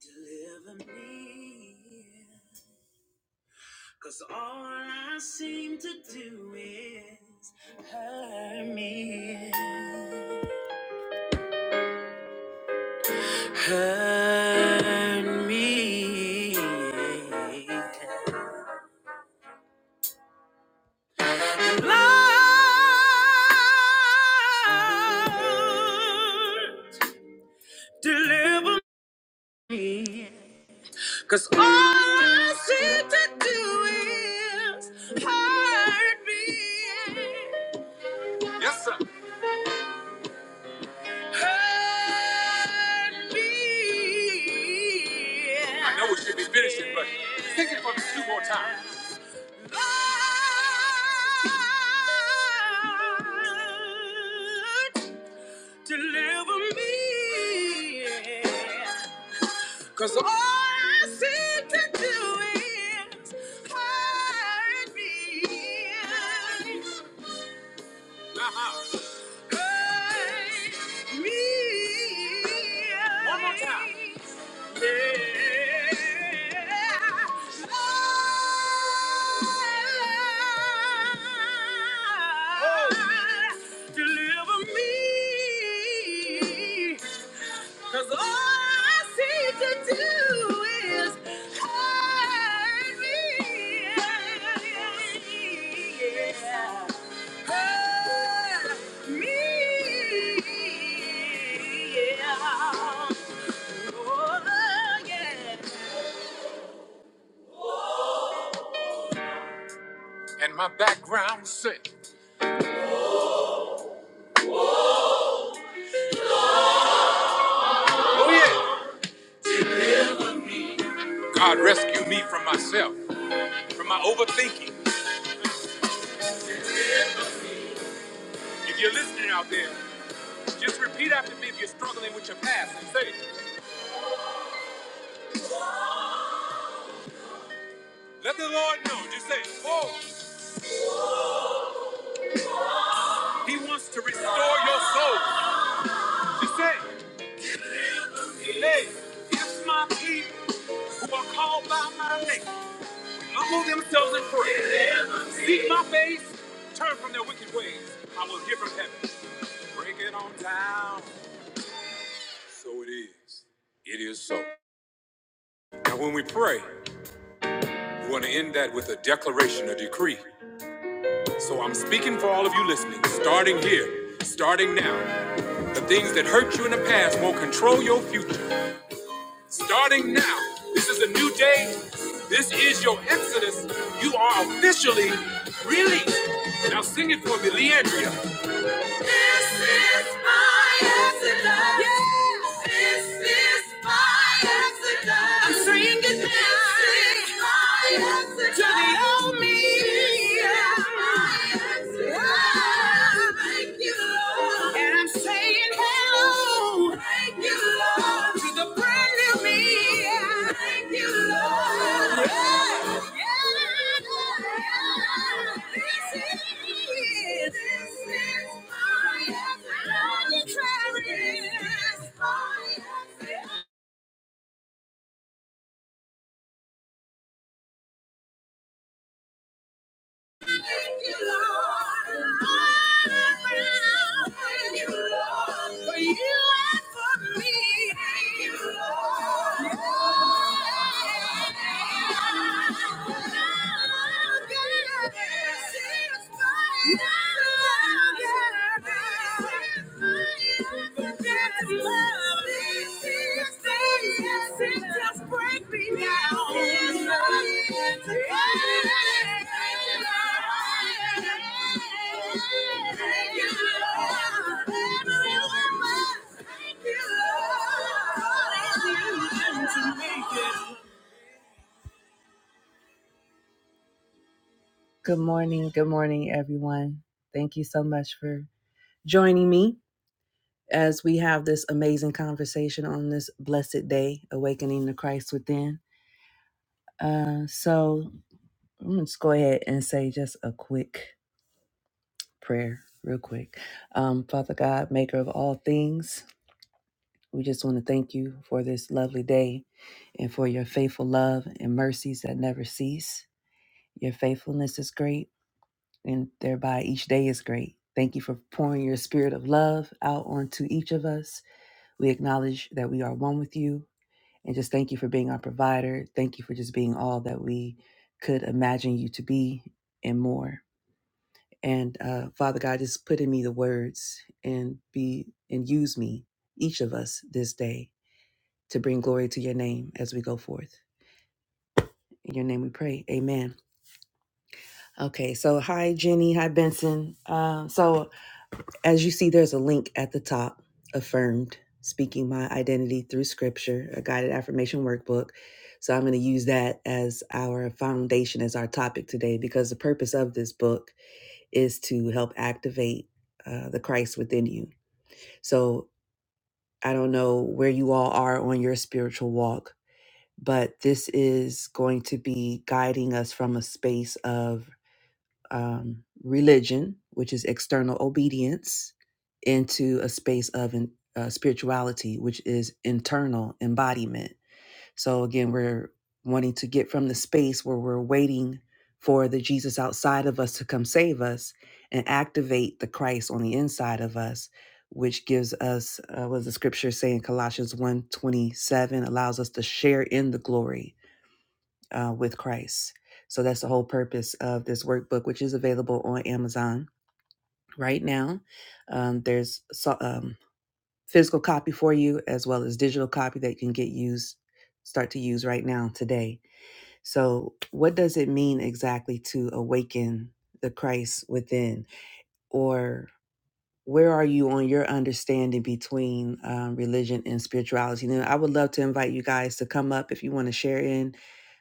Deliver me. All I seem to do is hurt me. Hurt me. Lord, deliver me. Cause all I seem to do is hurt me. Hurt me. I know we should be finishing, but sing it for me two more times. Lord, Deliver me. Cause all I seem to do is hurt me. One more time. Oh. Deliver me, 'cause all I seem to do is hurt me. Yeah. I you Lord. and I'm Saying hello. Lord. Thank you, Lord. To the brand new me. Thank you, Lord. Yeah. Yeah. This is, this is my contrary. Thank you. Good morning. Good morning, everyone. Thank you so much for joining me. as we have this amazing conversation on this blessed day, awakening the Christ within. Uh, so I'm gonna just go ahead and say just a quick prayer, real quick. Um, Father God, Maker of all things, we just want to thank you for this lovely day and for your faithful love and mercies that never cease. Your faithfulness is great, and thereby each day is great. Thank you for pouring your spirit of love out onto each of us. We acknowledge that we are one with you And just thank you for being our provider. Thank you for just being all that we could imagine you to be and more. And uh, Father God, just put in me the words and be and use me, each of us this day to bring glory to your name as we go forth. In your name we pray. Amen. Okay, so hi Jenny, hi Benson. Um, so As you see, there's a link at the top Affirmed, Speaking My Identity Through Scripture, a guided affirmation workbook. So I'm going to use that as our foundation, as our topic today, because the purpose of this book is to help activate uh, the Christ within you. So I don't know where you all are on your spiritual walk, but this is going to be guiding us from a space of um, religion, which is external obedience, into a space of an, uh, spirituality, which is internal embodiment. So again, we're wanting to get from the space where we're waiting for the Jesus outside of us to come save us and activate the Christ on the inside of us, which gives us, uh, what does the scripture say in Colossians one twenty seven allows us to share in the glory uh, with Christ. So that's the whole purpose of this workbook, which is available on Amazon right now. Um, there's so- um, physical copy for you as well as digital copy that you can get used, start to use right now today. So, what does it mean exactly to awaken the Christ within, or where are you on your understanding between um, religion and spirituality? Now, I would love to invite you guys to come up if you want to share in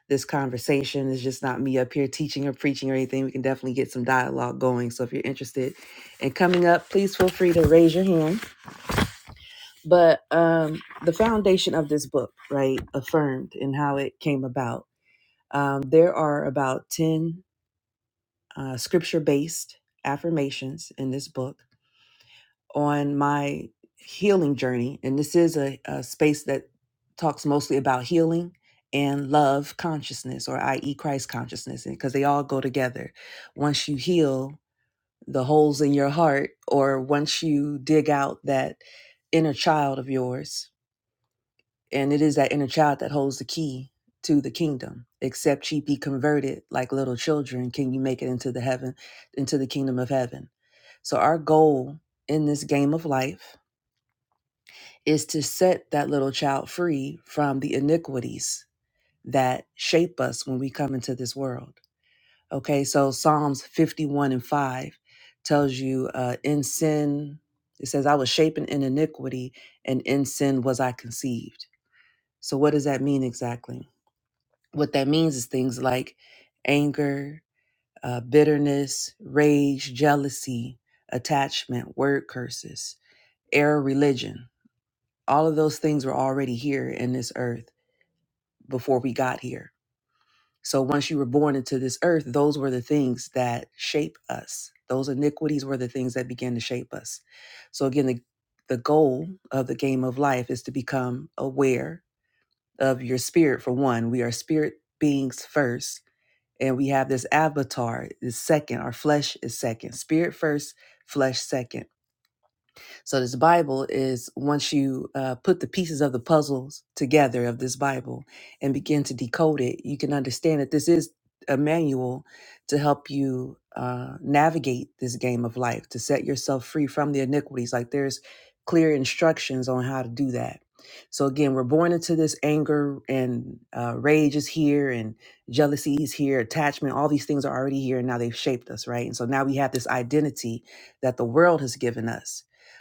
this conversation. It's just not me up here teaching or preaching or anything. We can definitely get some dialogue going. So if you're interested in coming up, please feel free to raise your hand. But um, the foundation of this book, right, affirmed and how it came about. Um, there are about 10 uh, scripture based affirmations in this book on my healing journey, and this is a, a space that talks mostly about healing and love consciousness, or i.e., Christ consciousness, because they all go together. Once you heal the holes in your heart, or once you dig out that inner child of yours, and it is that inner child that holds the key to the kingdom. Except ye be converted like little children, can you make it into the heaven, into the kingdom of heaven? So our goal in this game of life is to set that little child free from the iniquities that shape us when we come into this world. Okay, so Psalms 51 and 5 tells you, uh, in sin, it says, I was shapen in iniquity, and in sin was I conceived. So, what does that mean exactly? What that means is things like anger, uh, bitterness, rage, jealousy, attachment, word curses, error, religion. All of those things were already here in this earth before we got here. So once you were born into this earth, those were the things that shape us. Those iniquities were the things that began to shape us. So again, the the goal of the game of life is to become aware of your spirit for one. We are spirit beings first, and we have this avatar is second. Our flesh is second. Spirit first, flesh second so this Bible is once you uh, put the pieces of the puzzles together of this Bible and begin to decode it, you can understand that this is a manual to help you uh, navigate this game of life, to set yourself free from the iniquities. Like there's clear instructions on how to do that. So again, we're born into this anger and uh, rage is here, and jealousy is here, attachment. All these things are already here, and now they've shaped us, right? And so now we have this identity that the world has given us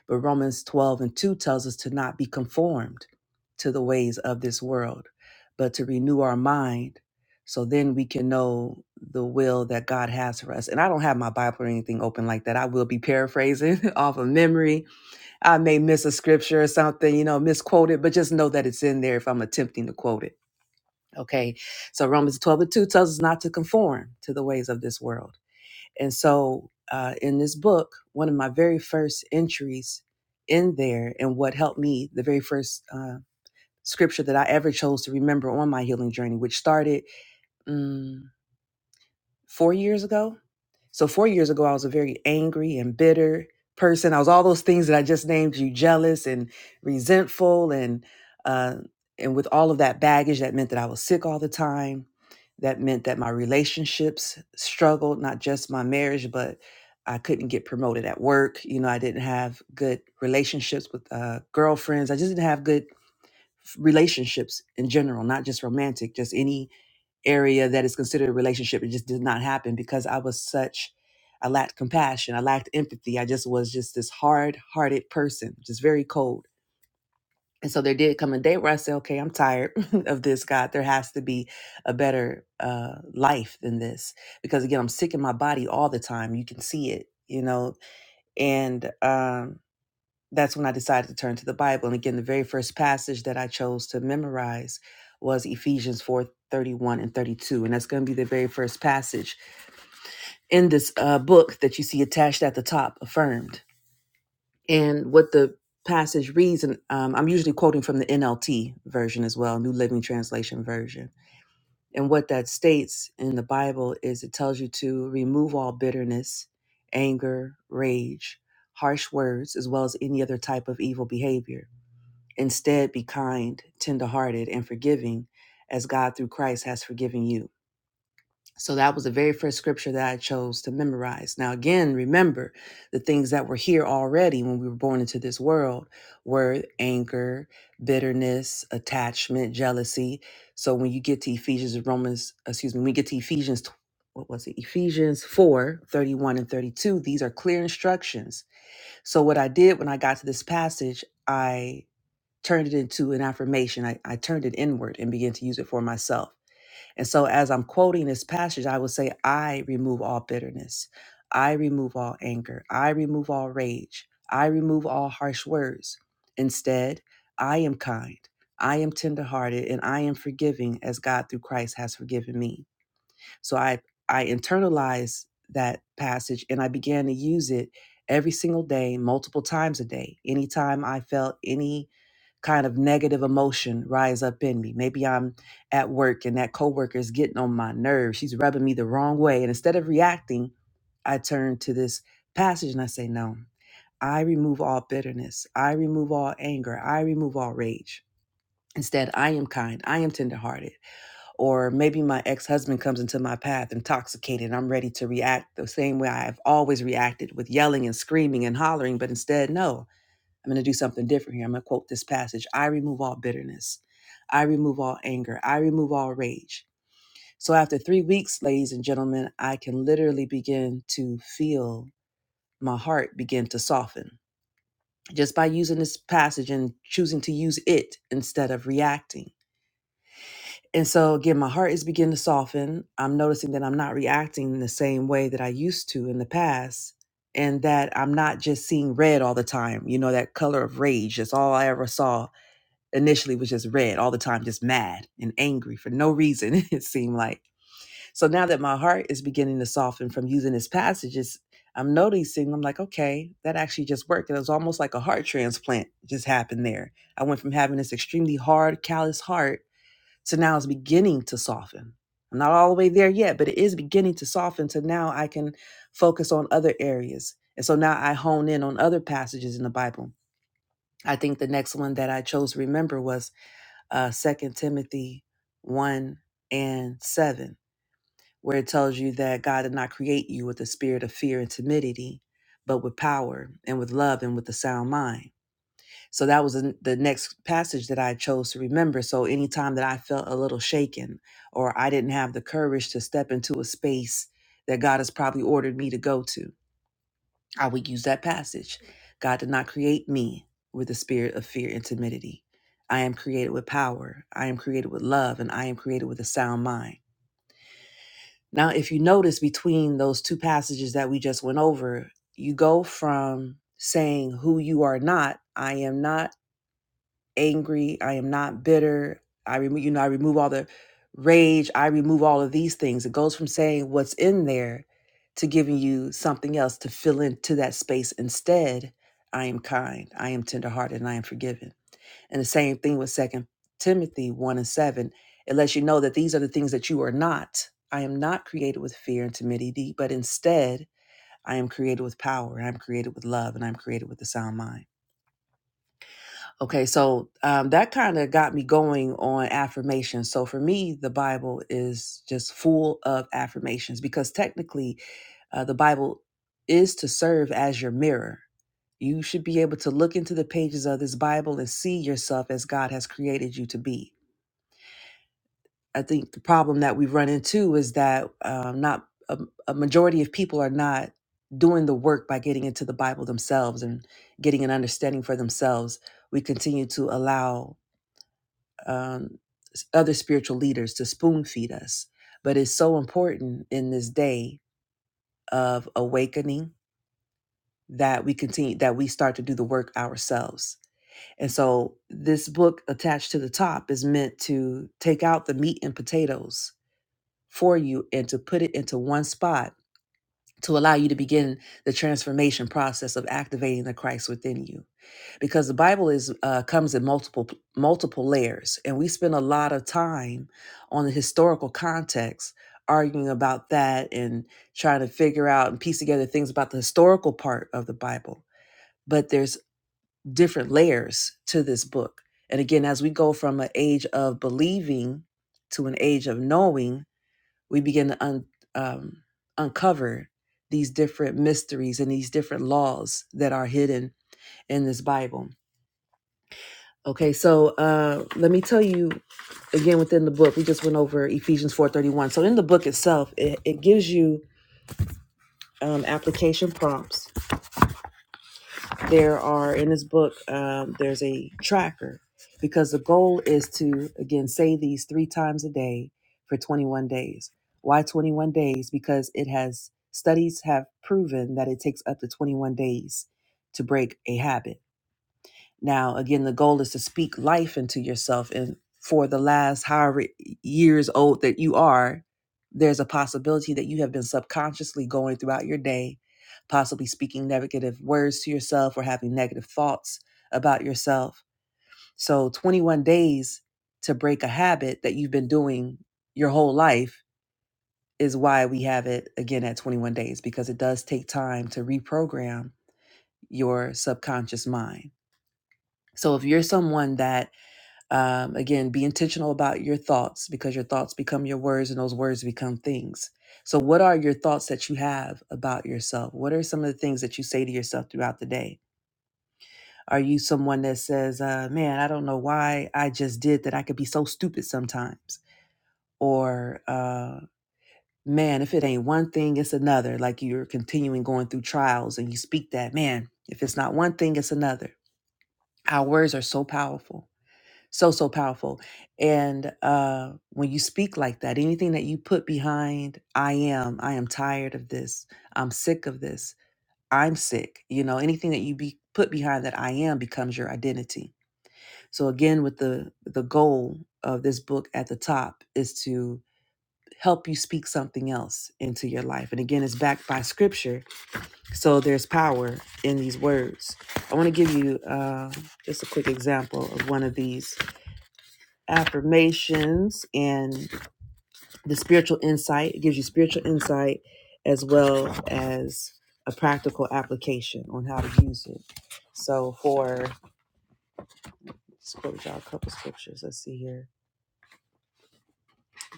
but Romans 12 and 2 tells us to not be conformed to the ways of this world, but to renew our mind so then we can know the will that God has for us. And I don't have my Bible or anything open like that. I will be paraphrasing off of memory. I may miss a scripture or something, you know, misquote it, but just know that it's in there if I'm attempting to quote it. Okay. So Romans 12 and 2 tells us not to conform to the ways of this world and so, uh, in this book, one of my very first entries in there, and what helped me, the very first uh, scripture that I ever chose to remember on my healing journey, which started mm, four years ago so four years ago, I was a very angry and bitter person. I was all those things that I just named you jealous and resentful and uh, and with all of that baggage, that meant that I was sick all the time. That meant that my relationships struggled, not just my marriage, but I couldn't get promoted at work. You know, I didn't have good relationships with uh, girlfriends. I just didn't have good relationships in general, not just romantic, just any area that is considered a relationship. It just did not happen because I was such, I lacked compassion. I lacked empathy. I just was just this hard hearted person, just very cold. And so there did come a day where I said, okay, I'm tired of this, God. There has to be a better uh, life than this. Because again, I'm sick in my body all the time. You can see it, you know. And um, that's when I decided to turn to the Bible. And again, the very first passage that I chose to memorize was Ephesians 4:31 and 32. And that's going to be the very first passage in this uh, book that you see attached at the top, affirmed. And what the passage reads, and um, I'm usually quoting from the NLT version as well, New Living Translation version. And what that states in the Bible is it tells you to remove all bitterness, anger, rage, harsh words, as well as any other type of evil behavior Instead, be kind, tenderhearted, and forgiving as God through Christ has forgiven you. So that was the very first scripture that I chose to memorize. Now, again, remember the things that were here already when we were born into this world were anger, bitterness, attachment, jealousy. So when you get to Ephesians and Romans, excuse me, when we get to Ephesians, tw- what was it? Ephesians 4 31 and 32, these are clear instructions. So what I did when I got to this passage, I turned it into an affirmation. I, I turned it inward and began to use it for myself. And so, as I'm quoting this passage, I would say, I remove all bitterness. I remove all anger. I remove all rage. I remove all harsh words. Instead, I am kind. I am tenderhearted and I am forgiving as God through Christ has forgiven me. So I I internalized that passage and I began to use it every single day, multiple times a day. Anytime I felt any kind of negative emotion rise up in me. Maybe I'm at work and that coworker is getting on my nerves. She's rubbing me the wrong way. And instead of reacting, I turn to this passage and I say, No, I remove all bitterness. I remove all anger. I remove all rage. Instead, I am kind. I am tenderhearted. Or maybe my ex husband comes into my path intoxicated. And I'm ready to react the same way I've always reacted with yelling and screaming and hollering. But instead, no, I'm going to do something different here. I'm going to quote this passage I remove all bitterness. I remove all anger. I remove all rage. So after three weeks, ladies and gentlemen, I can literally begin to feel my heart begin to soften just by using this passage and choosing to use it instead of reacting. And so again, my heart is beginning to soften. I'm noticing that I'm not reacting in the same way that I used to in the past and that I'm not just seeing red all the time, you know, that color of rage. That's all I ever saw initially was just red all the time, just mad and angry for no reason, it seemed like. So now that my heart is beginning to soften from using this passage, it's, I'm noticing, I'm like, okay, that actually just worked. It was almost like a heart transplant just happened there. I went from having this extremely hard, callous heart to now it's beginning to soften. I'm not all the way there yet, but it is beginning to soften. So now I can focus on other areas. And so now I hone in on other passages in the Bible. I think the next one that I chose to remember was uh, 2 Timothy 1 and 7, where it tells you that God did not create you with a spirit of fear and timidity, but with power and with love and with a sound mind. So that was the the next passage that I chose to remember. So anytime that I felt a little shaken or I didn't have the courage to step into a space that God has probably ordered me to go to, I would use that passage. God did not create me with a spirit of fear and timidity. I am created with power. I am created with love, and I am created with a sound mind. Now, if you notice between those two passages that we just went over, you go from saying who you are not, I am not angry. I am not bitter. I remove, you know, I remove all the rage. I remove all of these things. It goes from saying what's in there to giving you something else to fill into that space. Instead, I am kind. I am tenderhearted, and I am forgiven. And the same thing with Second Timothy one and seven. It lets you know that these are the things that you are not. I am not created with fear and timidity, but instead, I am created with power. and I'm created with love, and I'm created with a sound mind. Okay, so um, that kind of got me going on affirmations. So for me, the Bible is just full of affirmations because technically, uh, the Bible is to serve as your mirror. You should be able to look into the pages of this Bible and see yourself as God has created you to be. I think the problem that we run into is that um, not a, a majority of people are not doing the work by getting into the Bible themselves and getting an understanding for themselves. We continue to allow um, other spiritual leaders to spoon feed us. But it's so important in this day of awakening that we continue, that we start to do the work ourselves. And so this book attached to the top is meant to take out the meat and potatoes for you and to put it into one spot to allow you to begin the transformation process of activating the Christ within you because the Bible is uh, comes in multiple multiple layers and we spend a lot of time on the historical context arguing about that and trying to figure out and piece together things about the historical part of the Bible but there's different layers to this book and again as we go from an age of believing to an age of knowing we begin to un, um, uncover these different mysteries and these different laws that are hidden in this Bible. Okay, so uh, let me tell you again within the book. We just went over Ephesians four thirty one. So in the book itself, it, it gives you um, application prompts there are in this book um, there's a tracker because the goal is to again say these three times a day for 21 days why 21 days because it has studies have proven that it takes up to 21 days to break a habit now, again, the goal is to speak life into yourself. And for the last however years old that you are, there's a possibility that you have been subconsciously going throughout your day, possibly speaking negative words to yourself or having negative thoughts about yourself. So, 21 days to break a habit that you've been doing your whole life is why we have it again at 21 days, because it does take time to reprogram your subconscious mind. So, if you're someone that um, again, be intentional about your thoughts because your thoughts become your words and those words become things. So, what are your thoughts that you have about yourself? What are some of the things that you say to yourself throughout the day? Are you someone that says, uh, man, I don't know why I just did that? I could be so stupid sometimes. Or, uh, man, if it ain't one thing, it's another. Like you're continuing going through trials and you speak that, man, if it's not one thing, it's another. Our words are so powerful so so powerful and uh when you speak like that anything that you put behind i am i am tired of this i'm sick of this i'm sick you know anything that you be put behind that i am becomes your identity so again with the the goal of this book at the top is to help you speak something else into your life and again it's backed by scripture so there's power in these words i want to give you uh, just a quick example of one of these affirmations and the spiritual insight. It gives you spiritual insight as well as a practical application on how to use it. So for let's quote y'all a couple scriptures. Let's see here.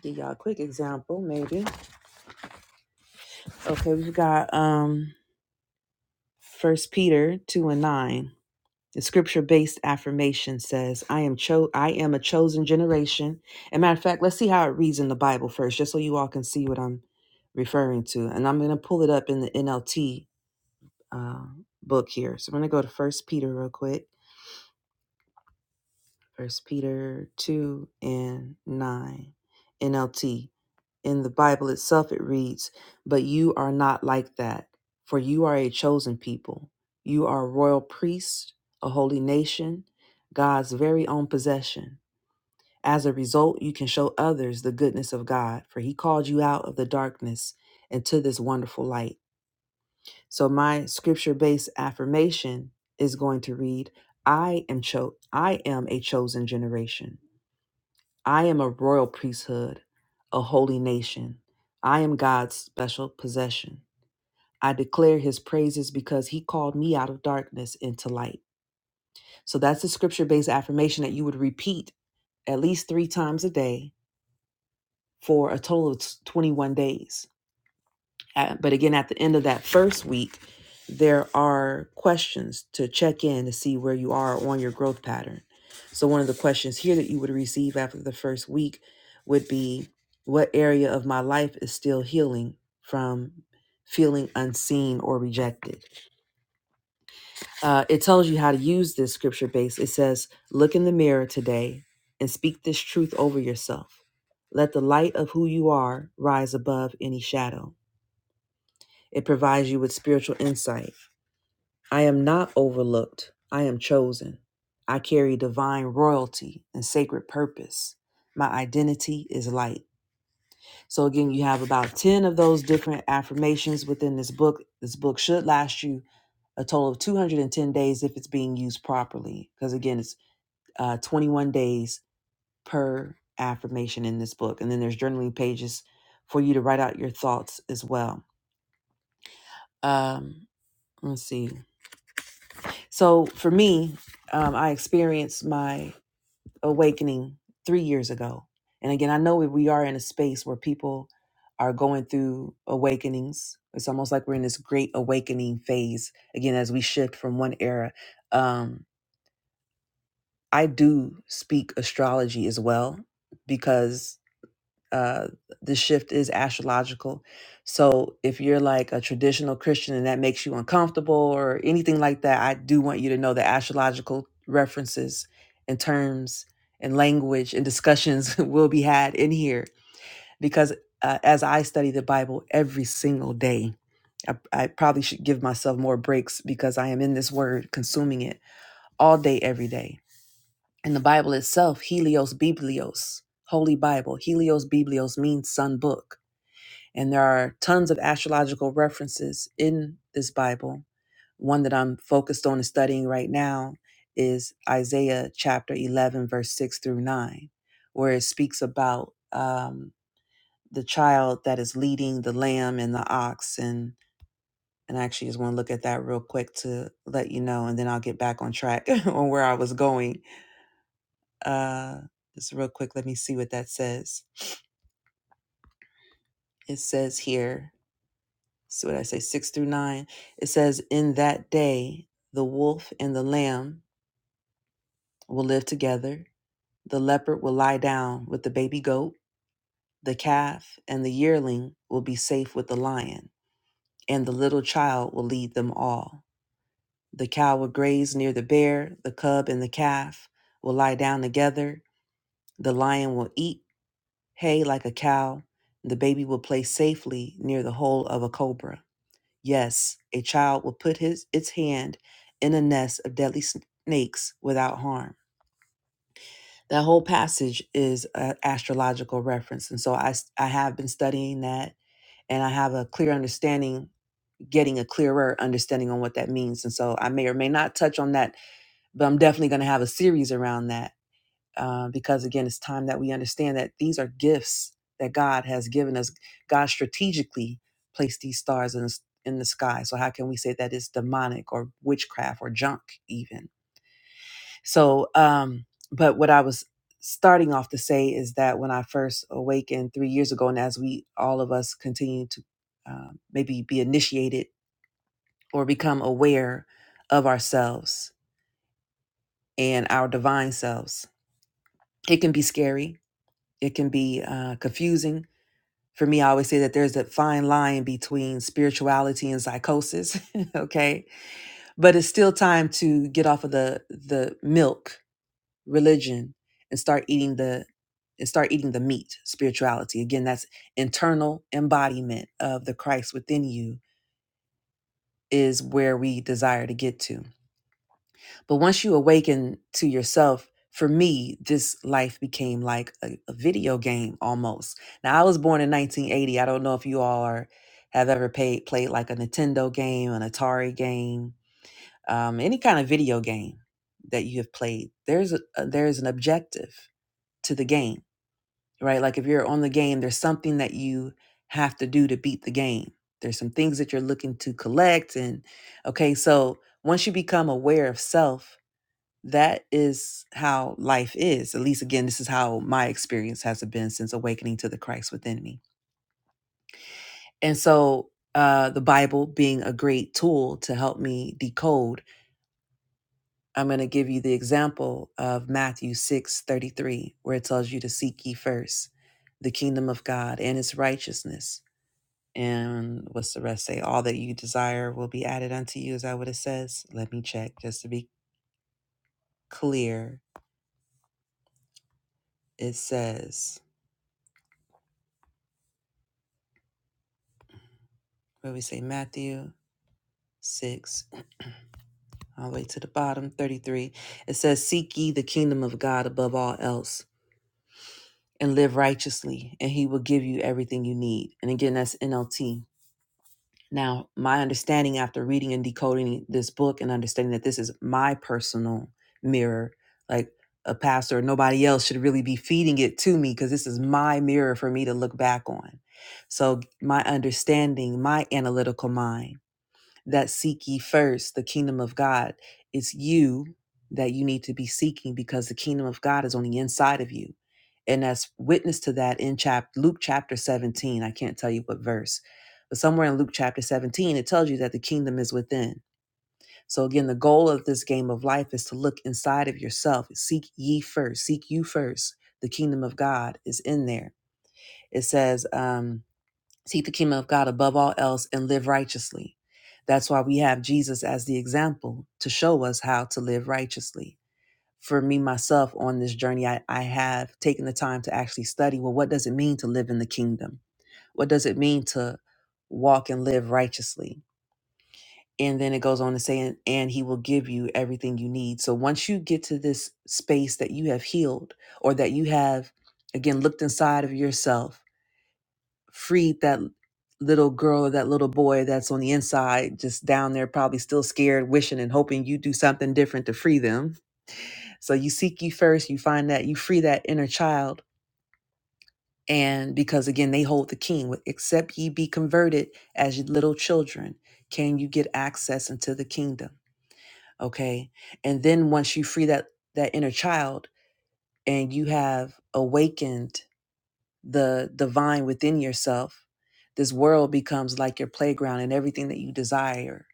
Give y'all a quick example, maybe. Okay, we've got um first Peter two and nine. The scripture-based affirmation says, "I am cho- I am a chosen generation." And matter of fact, let's see how it reads in the Bible first, just so you all can see what I'm referring to. And I'm going to pull it up in the NLT uh, book here. So I'm going to go to First Peter real quick. First Peter 2 and 9, NLT. In the Bible itself, it reads, But you are not like that, for you are a chosen people. You are a royal priest, a holy nation, God's very own possession. As a result, you can show others the goodness of God, for he called you out of the darkness into this wonderful light. So my scripture-based affirmation is going to read, I am cho- I am a chosen generation. I am a royal priesthood, a holy nation. I am God's special possession. I declare his praises because he called me out of darkness into light. So that's a scripture based affirmation that you would repeat at least three times a day for a total of 21 days. Uh, but again, at the end of that first week, there are questions to check in to see where you are on your growth pattern. So, one of the questions here that you would receive after the first week would be What area of my life is still healing from feeling unseen or rejected? Uh, it tells you how to use this scripture base. It says, Look in the mirror today and speak this truth over yourself. Let the light of who you are rise above any shadow. It provides you with spiritual insight. I am not overlooked. I am chosen. I carry divine royalty and sacred purpose. My identity is light. So, again, you have about 10 of those different affirmations within this book. This book should last you a total of 210 days if it's being used properly. Because, again, it's uh, 21 days per affirmation in this book. And then there's journaling pages for you to write out your thoughts as well. Um, let's see. So for me, um, I experienced my awakening three years ago. And again, I know we we are in a space where people are going through awakenings. It's almost like we're in this great awakening phase, again, as we shift from one era. Um, I do speak astrology as well because uh, the shift is astrological. So if you're like a traditional Christian and that makes you uncomfortable or anything like that, I do want you to know that astrological references and terms and language and discussions will be had in here because uh, as I study the Bible every single day, I, I probably should give myself more breaks because I am in this word, consuming it all day, every day. In the Bible itself, Helios Biblios, Holy Bible, Helios Biblios means sun book. And there are tons of astrological references in this Bible. One that I'm focused on and studying right now is Isaiah chapter 11, verse 6 through 9, where it speaks about um, the child that is leading the lamb and the ox. And, and I actually just want to look at that real quick to let you know, and then I'll get back on track on where I was going uh, just real quick, let me see what that says. It says here, see what I say, six through nine. It says, In that day, the wolf and the lamb will live together. The leopard will lie down with the baby goat. The calf and the yearling will be safe with the lion, and the little child will lead them all. The cow will graze near the bear. The cub and the calf will lie down together. The lion will eat hay like a cow, and the baby would play safely near the hole of a cobra. Yes, a child would put his its hand in a nest of deadly sn- snakes without harm. That whole passage is an astrological reference, and so I s- I have been studying that, and I have a clear understanding, getting a clearer understanding on what that means. And so I may or may not touch on that, but I'm definitely going to have a series around that uh, because again, it's time that we understand that these are gifts that God has given us. God strategically placed these stars in the, in the sky. So how can we say that it's demonic or witchcraft or junk even? So, um, but what I was starting off to say is that when I first awakened three years ago, and as we all of us continue to um, maybe be initiated or become aware of ourselves and our divine selves, it can be scary. It can be uh, confusing for me, I always say that there's a fine line between spirituality and psychosis. okay. But it's still time to get off of the the milk religion and start eating the and start eating the meat, spirituality. Again, that's internal embodiment of the Christ within you is where we desire to get to. But once you awaken to yourself, for me, this life became like a, a video game almost. Now, I was born in 1980. I don't know if you all are, have ever paid, played like a Nintendo game, an Atari game, um, any kind of video game that you have played. There's a, a- there's an objective to the game, right? Like if you're on the game, there's something that you have to do to beat the game. There's some things that you're looking to collect, and okay, so once you become aware of self that is how life is. At least, again, this is how my experience has been since awakening to the Christ within me. And so, uh, the Bible being a great tool to help me decode, I'm going to give you the example of Matthew 6 33, where it tells you to seek ye first the kingdom of God and its righteousness. And what's the rest say? All that you desire will be added unto you. Is that what it says? Let me check just to be clear. It says, what do we say, Matthew? six, all the way to the bottom, 33. It says, Seek ye the kingdom of God above all else and live righteously, and he will give you everything you need. And again, that's NLT. Now, my understanding after reading and decoding this book and understanding that this is my personal mirror, like a pastor, nobody else should really be feeding it to me because this is my mirror for me to look back on. So, my understanding, my analytical mind, that seek ye first the kingdom of God. It's you that you need to be seeking because the kingdom of God is on the inside of you. And that's witness to that in chap- Luke chapter 17. I can't tell you what verse, but somewhere in Luke chapter 17, it tells you that the kingdom is within. So again, the goal of this game of life is to look inside of yourself. Seek ye first, seek you first. The kingdom of God is in there. It says, um, seek the kingdom of God above all else and live righteously. That's why we have Jesus as the example to show us how to live righteously. For me, myself, on this journey, I, I have taken the time to actually study well, what does it mean to live in the kingdom? What does it mean to walk and live righteously? And then it goes on to say, and, and he will give you everything you need. So once you get to this space that you have healed or that you have, again, looked inside of yourself freed that little girl or that little boy that's on the inside, just down there, probably still scared, wishing and hoping you do something different to free them. So you seek you first, you find that you free that inner child. And because again, they hold the king, with, except ye be converted as ye little children, can you get access into the kingdom? Okay. And then once you free that that inner child and you have awakened the divine within yourself this world becomes like your playground and everything that you desire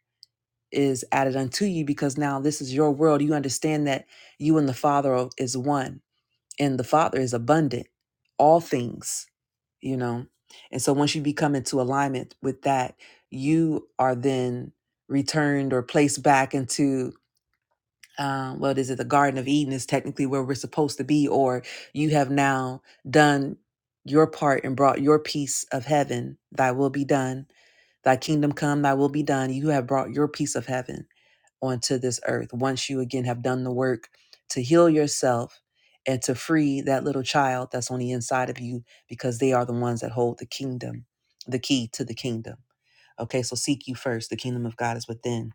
is added unto you because now this is your world you understand that you and the father are- is one and the father is abundant all things you know and so once you become into alignment with that you are then returned or placed back into uh, what is it? The Garden of Eden is technically where we're supposed to be, or you have now done your part and brought your piece of heaven. Thy will be done. Thy kingdom come. Thy will be done. You have brought your piece of heaven onto this earth. Once you again have done the work to heal yourself and to free that little child that's on the inside of you, because they are the ones that hold the kingdom, the key to the kingdom. Okay, so seek you first. The kingdom of God is within.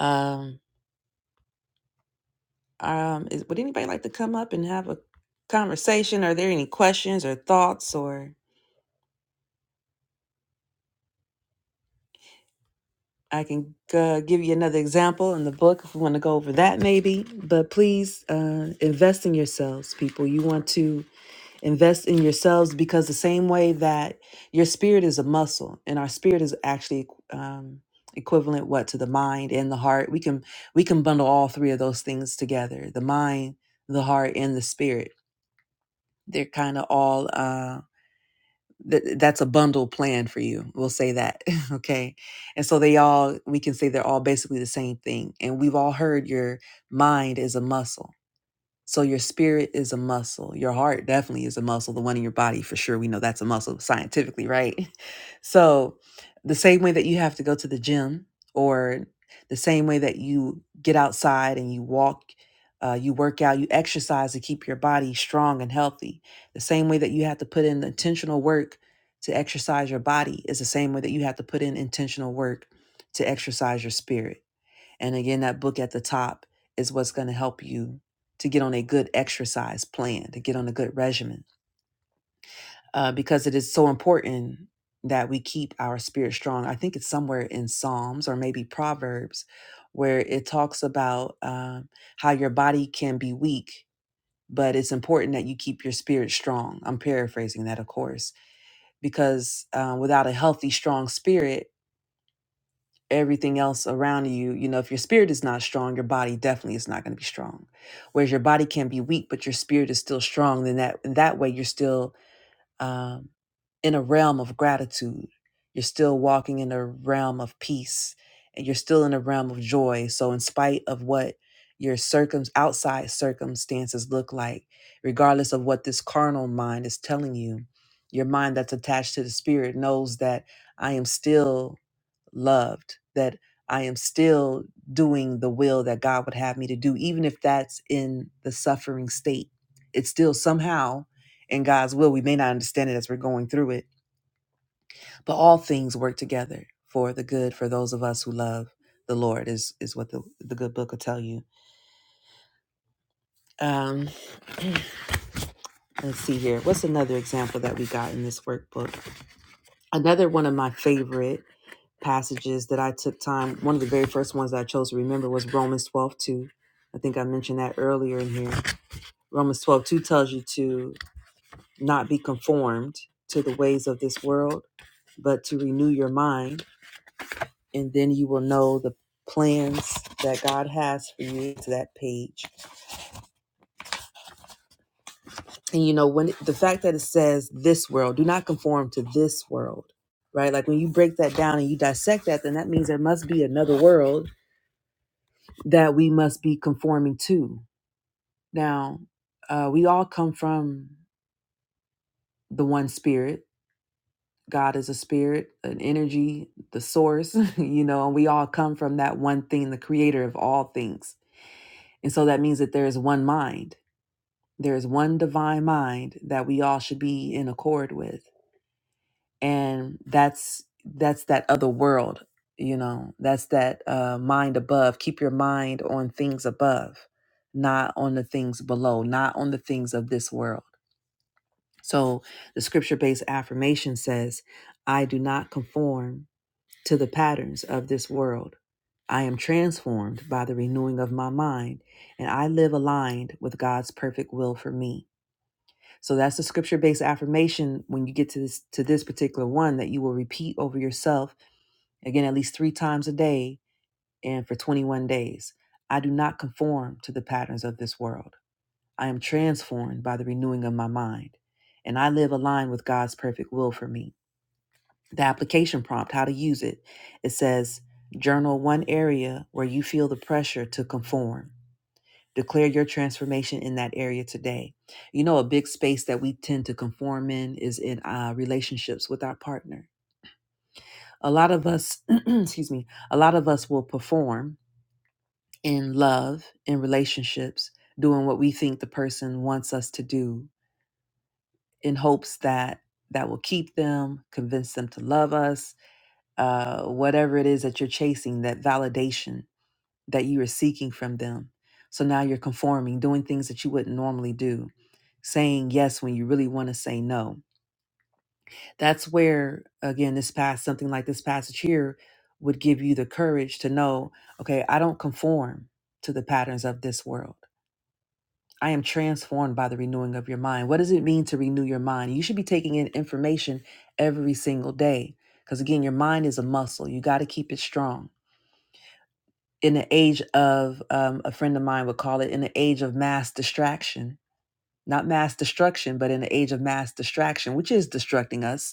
Um. Um, is, would anybody like to come up and have a conversation? Are there any questions or thoughts? Or I can uh, give you another example in the book if we want to go over that, maybe. But please uh, invest in yourselves, people. You want to invest in yourselves because the same way that your spirit is a muscle, and our spirit is actually um, equivalent what to the mind and the heart. We can we can bundle all three of those things together: the mind, the heart, and the spirit. They're kind of all. Um, Th- that's a bundle plan for you. We'll say that. okay. And so they all, we can say they're all basically the same thing. And we've all heard your mind is a muscle so your spirit is a muscle. Your heart definitely is a muscle. The one in your body, for sure, we know that's a muscle scientifically, right? So the same way that you have to go to the gym, or the same way that you get outside and you walk, uh, you work out, you exercise to keep your body strong and healthy. The same way that you have to put in intentional work to exercise your body is the same way that you have to put in intentional work to exercise your spirit and again, that book at the top is what's going to help you to get on a good exercise plan, to get on a good regimen, uh, because it is so important that we keep our spirit strong. I think it's somewhere in Psalms or maybe Proverbs where it talks about um, how your body can be weak, but it's important that you keep your spirit strong. I'm paraphrasing that, of course, because uh, without a healthy, strong spirit, everything else around you you know if your spirit is not strong your body definitely is not going to be strong whereas your body can be weak but your spirit is still strong then that in that way you're still um, in a realm of gratitude you're still walking in a realm of peace and you're still in a realm of joy so in spite of what your circum outside circumstances look like regardless of what this carnal mind is telling you your mind that's attached to the spirit knows that i am still loved, that I am still doing the will that God would have me to do, even if that's in the suffering state. It's still somehow in God's will. We may not understand it as we're going through it, but all things work together for the good for those of us who love the Lord, is, is what the, the good book will tell you. Um, let's see here. What's another example that we got in this workbook? Another one of my favorite passages that I took time, one of the very first ones that I chose to remember was Romans 12 2. I think I mentioned that earlier in here. Romans 12 2 tells you to not be conformed to the ways of this world, but to renew your mind, and then you will know the plans that God has for you to that page. And you know, when the fact that it says this world, do not conform to this world, right? Like when you break that down and you dissect that, then that means there must be another world that we must be conforming to Now, uh, we all come from the one spirit. God is a spirit, an energy, the source, you know, and we all come from that one thing, the creator of all things. And so that means that there is one mind, there is one divine mind that we all should be in accord with. And that's that's that other world, you know, that's that uh, mind above. Keep your mind on things above, not on the things below, not on the things of this world So the scripture based affirmation says, I do not conform to the patterns of this world. I am transformed by the renewing of my mind, and I live aligned with God's perfect will for me. So that's the scripture based affirmation when you get to this to this particular one that you will repeat over yourself again at least 3 times a day and for 21 days. I do not conform to the patterns of this world. I am transformed by the renewing of my mind, and I live aligned with God's perfect will for me. The application prompt, how to use it, it says journal one area where you feel the pressure to conform. Declare your transformation in that area today. You know, a big space that we tend to conform in is in uh, relationships with our partner. A lot of us, excuse me, a lot of us will perform in love, in relationships, doing what we think the person wants us to do in hopes that that will keep them, convince them to love us, uh, whatever it is that you're chasing, that validation that you are seeking from them. So now you're conforming, doing things that you wouldn't normally do, saying yes when you really want to say no. That's where, again, this pass, something like this passage here would give you the courage to know, okay, I don't conform to the patterns of this world. I am transformed by the renewing of your mind. What does it mean to renew your mind? You should be taking in information every single day because, again, your mind is a muscle. You got to keep it strong. In the age of, um, a friend of mine would call it, in the age of mass distraction, not mass destruction, but in the age of mass distraction, which is distracting us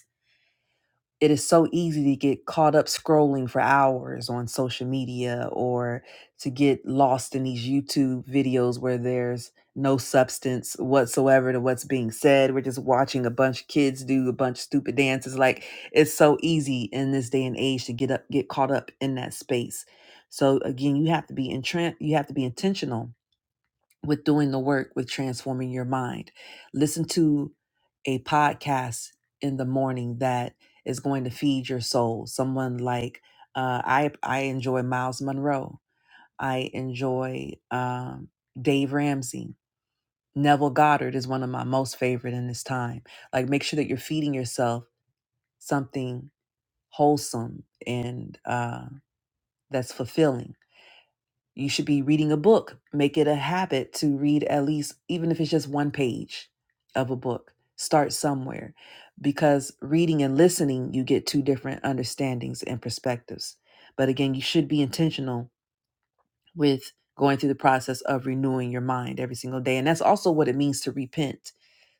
it is so easy to get caught up scrolling for hours on social media or to get lost in these YouTube videos where there's no substance whatsoever to what's being said. We're just watching a bunch of kids do a bunch of stupid dances. Like it's so easy in this day and age to get up get caught up in that space. So again, you have to be entran- you have to be intentional with doing the work with transforming your mind. Listen to a podcast in the morning that is going to feed your soul. Someone like uh, I I enjoy Miles Monroe. I enjoy um, Dave Ramsey. Neville Goddard is one of my most favorite in this time. Like, make sure that you're feeding yourself something wholesome and uh, that's fulfilling you should be reading a book. Make it a habit to read at least, even if it's just one page of a book. Start somewhere because reading and listening, you get two different understandings and perspectives. But again, you should be intentional with going through the process of renewing your mind every single day. And that's also what it means to repent.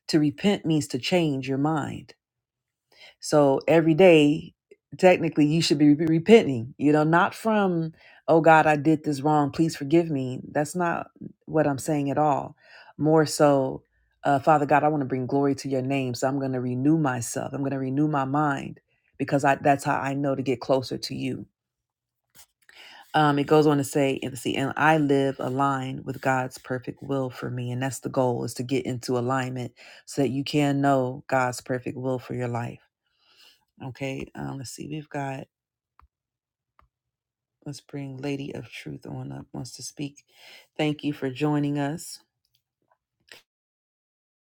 To repent means to change your mind so every day, technically, you should be re- repenting, you know, not from, oh God, I did this wrong. Please forgive me. That's not what I'm saying at all. More so, uh, Father God, I want to bring glory to your name. So I'm going to renew myself. I'm going to renew my mind because I, that's how I know to get closer to you. Um, it goes on to say, and see, and I live aligned with God's perfect will for me. And that's the goal is to get into alignment so that you can know God's perfect will for your life. Okay, um, let's see. We've got, let's bring Lady of Truth on up, wants to speak. Thank you for joining us.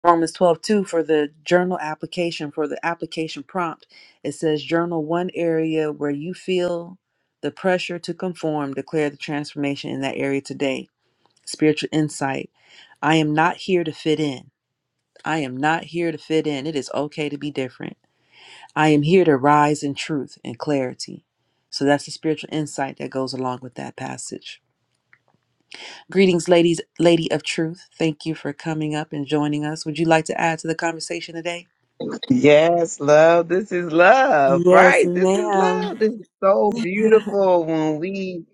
Romans 12 2 for the journal application, for the application prompt. It says, Journal one area where you feel the pressure to conform, declare the transformation in that area today. Spiritual insight. I am not here to fit in. I am not here to fit in. It is okay to be different. I am here to rise in truth and clarity. So that's the spiritual insight that goes along with that passage. Greetings, ladies, lady of truth. Thank you for coming up and joining us. Would you like to add to the conversation today? Yes, love. This is love, Yes, right? This is ma'am. love. This is so beautiful when we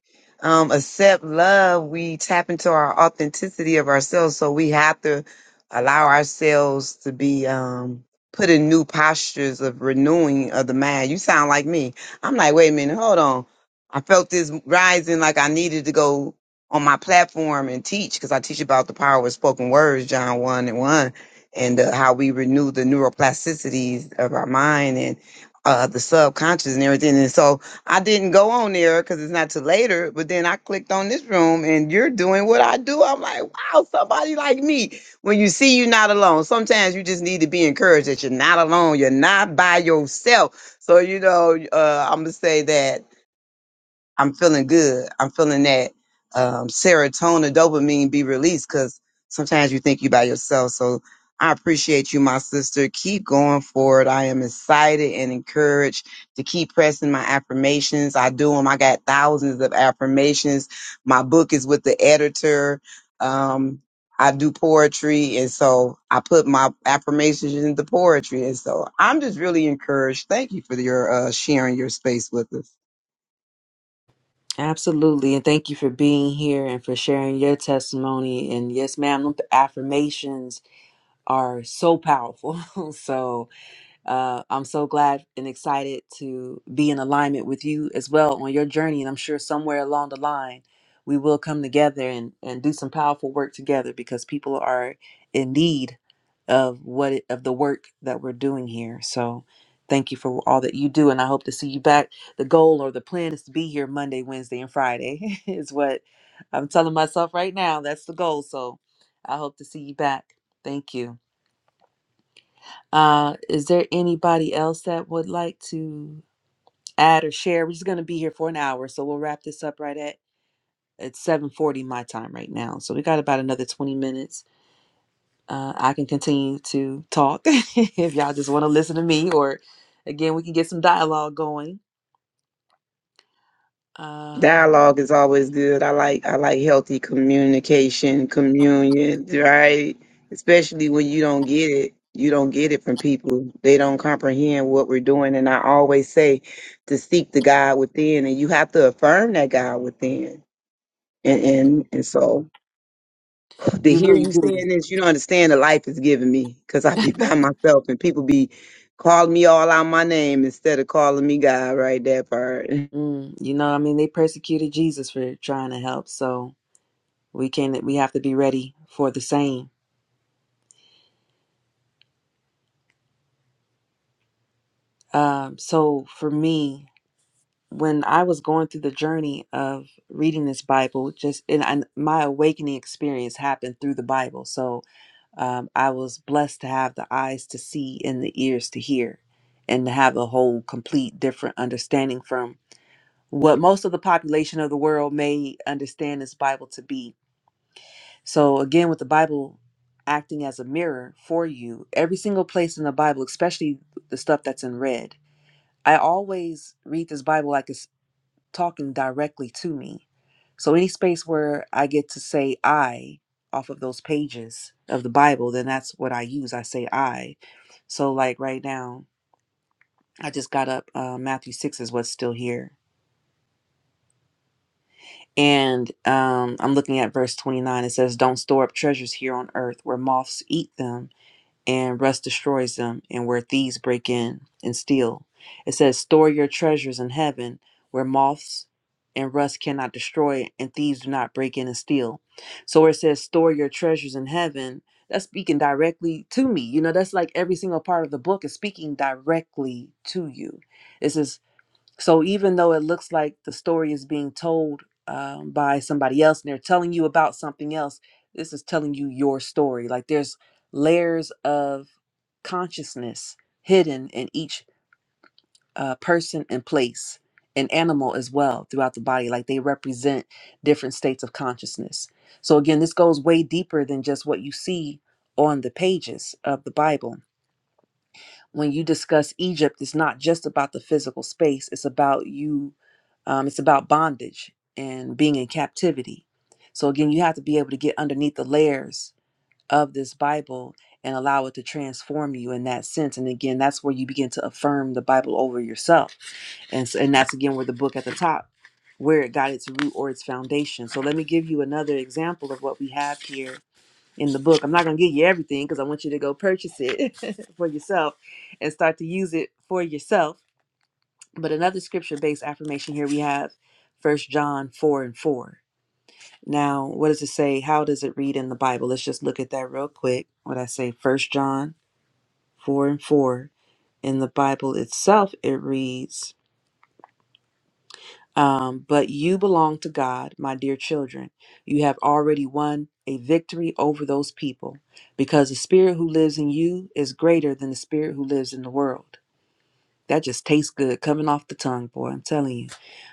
um, accept love, we tap into our authenticity of ourselves. So we have to allow ourselves to be um, put in new postures of renewing of the mind. You sound like me. I'm like, wait a minute, hold on. I felt this rising like I needed to go on my platform and teach because I teach about the power of spoken words, John 1 and 1 and uh, how we renew the neuroplasticities of our mind and uh, the subconscious and everything. And so I didn't go on there because it's not till later. But then I clicked on this room, and you're doing what I do. I'm like, wow, somebody like me. When you see you're not alone, sometimes you just need to be encouraged that you're not alone. You're not by yourself. So you know, uh, I'm gonna say that I'm feeling good. I'm feeling that um, serotonin, dopamine be released because sometimes you think you by yourself. So I appreciate you, my sister. Keep going forward. I am excited and encouraged to keep pressing my affirmations. I do them. I got thousands of affirmations. My book is with the editor. Um, I do poetry, and so I put my affirmations into poetry, and so I'm just really encouraged. Thank you for your uh, sharing your space with us. Absolutely. And thank you for being here and for sharing your testimony. And yes, ma'am, the affirmations are so powerful. so Uh, I'm so glad and excited to be in alignment with you as well on your journey. And I'm sure somewhere along the line, we will come together and, and do some powerful work together because people are in need of what it, of the work that we're doing here. So thank you for all that you do. And I hope to see you back. The goal or the plan is to be here Monday, Wednesday, and Friday is what I'm telling myself right now. That's the goal. So I hope to see you back. Thank you. Uh, is there anybody else that would like to add or share? We're just going to be here for an hour, so we'll wrap this up right at it's 7:40 my time right now. So we got about another 20 minutes. Uh, I can continue to talk if y'all just want to listen to me, or again, we can get some dialogue going. Um, Dialogue is always good. I like I like healthy communication, communion, right? Especially when you don't get it. You don't get it from people. They don't comprehend what we're doing. And I always say to seek the God within and you have to affirm that God within. And and, and so to you hear really you do. saying this, you don't understand the life it's giving me because I be by myself and people be calling me all out my name instead of calling me God right that part. Mm, you know, I mean, they persecuted Jesus for trying to help, so we can we have to be ready for the same. Um, so for me, when I was going through the journey of reading this Bible, just and I, my awakening experience happened through the Bible. So um, I was blessed to have the eyes to see and the ears to hear, and to have a whole complete different understanding from what most of the population of the world may understand this Bible to be. So again, with the Bible acting as a mirror for you, every single place in the Bible, especially the stuff that's in red, I always read this Bible like it's talking directly to me. So any space where I get to say I off of those pages of the Bible, then that's what I use. I say I. So like right now, I just got up. Uh, Matthew six is what's still here, and um, I'm looking at verse 29. It says, "Don't store up treasures here on earth, where moths eat them." and rust destroys them, and where thieves break in and steal. It says, Store your treasures in heaven, where moths and rust cannot destroy, and thieves do not break in and steal. So where it says, Store your treasures in heaven, that's speaking directly to me. You know, that's like every single part of the book is speaking directly to you. This is so even though it looks like the story is being told um, by somebody else and they're telling you about something else, this is telling you your story. Like there's layers of consciousness hidden in each uh, person and place and animal as well throughout the body. Like they represent different states of consciousness. So again, this goes way deeper than just what you see on the pages of the Bible when you discuss Egypt, it's not just about the physical space. It's about you. Um, it's about bondage and being in captivity. So again, you have to be able to get underneath the layers of this Bible and allow it to transform you in that sense. And again, that's where you begin to affirm the Bible over yourself. And so, and that's again where the book at the top, where it got its root or its foundation. So let me give you another example of what we have here in the book. I'm not going to give you everything because I want you to go purchase it for yourself and start to use it for yourself. But another scripture based affirmation here we have First John 4 and 4. Now, what does it say? How does it read in the Bible? Let's just look at that real quick. What I say, First John 4 and 4. In the Bible itself, it reads, Um, but you belong to God, my dear children. You have already won a victory over those people because the spirit who lives in you is greater than the spirit who lives in the world. That just tastes good coming off the tongue, boy. I'm telling you.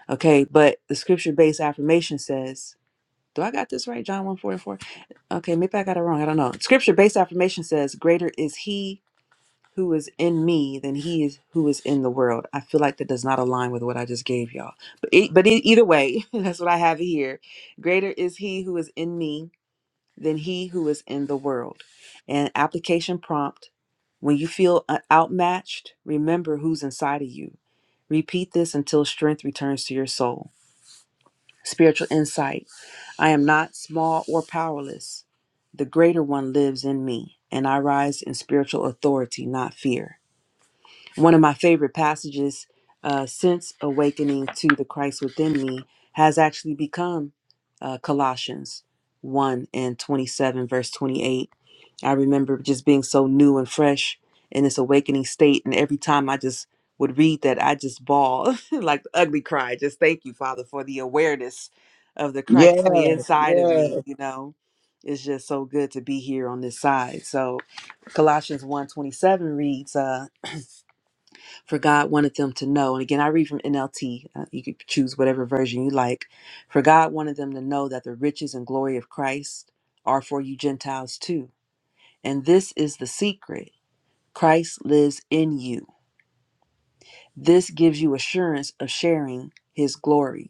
Okay, but the scripture based affirmation says, Do I got this right? John one 44. Okay, maybe I got it wrong. I don't know. Scripture based affirmation says, Greater is he who is in me than he is who is in the world. I feel like that does not align with what I just gave y'all. But it, but it, either way, that's what I have here. Greater is he who is in me than he who is in the world. And application prompt: When you feel uh, outmatched, remember who's inside of you. Repeat this until strength returns to your soul. Spiritual insight: I am not small or powerless. The greater one lives in me, and I rise in spiritual authority, not fear. One of my favorite passages uh, since awakening to the Christ within me has actually become uh, Colossians 1 and 27, verse 28. I remember just being so new and fresh in this awakening state. And every time I just would read that, I just bawl like the ugly cry. Just thank you, Father, for the awareness of the Yeah, Christ on the inside of yeah. me. You know, it's just so good to be here on this side. So, Colossians one twenty-seven reads, uh, for God wanted them to know. And again, I read from NLT. Uh, you could choose whatever version you like. For God wanted them to know that the riches and glory of Christ are for you Gentiles too. And this is the secret Christ lives in you. This gives you assurance of sharing his glory.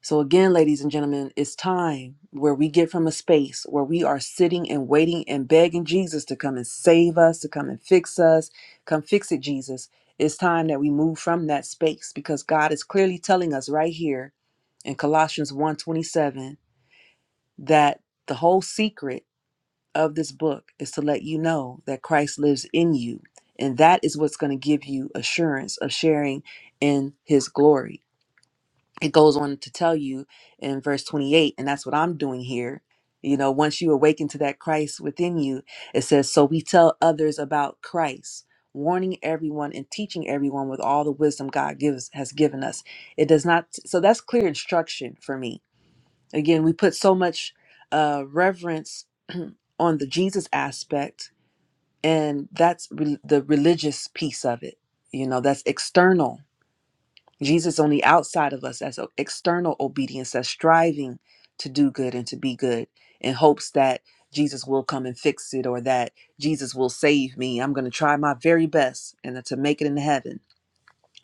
So, again, ladies and gentlemen, it's time where we get from a space where we are sitting and waiting and begging Jesus to come and save us, to come and fix us. Come fix it, Jesus. It's time that we move from that space because God is clearly telling us right here in Colossians one twenty-seven, that the whole secret of this book is to let you know that Christ lives in you and that is what's going to give you assurance of sharing in his glory it goes on to tell you in verse 28 and that's what i'm doing here you know once you awaken to that christ within you it says so we tell others about christ warning everyone and teaching everyone with all the wisdom god gives has given us it does not so that's clear instruction for me again we put so much uh reverence on the jesus aspect and that's re- the religious piece of it you know that's external Jesus on the outside of us as a- external obedience, as striving to do good and to be good in hopes that Jesus will come and fix it or that Jesus will save me. I'm going to try my very best and to make it into heaven.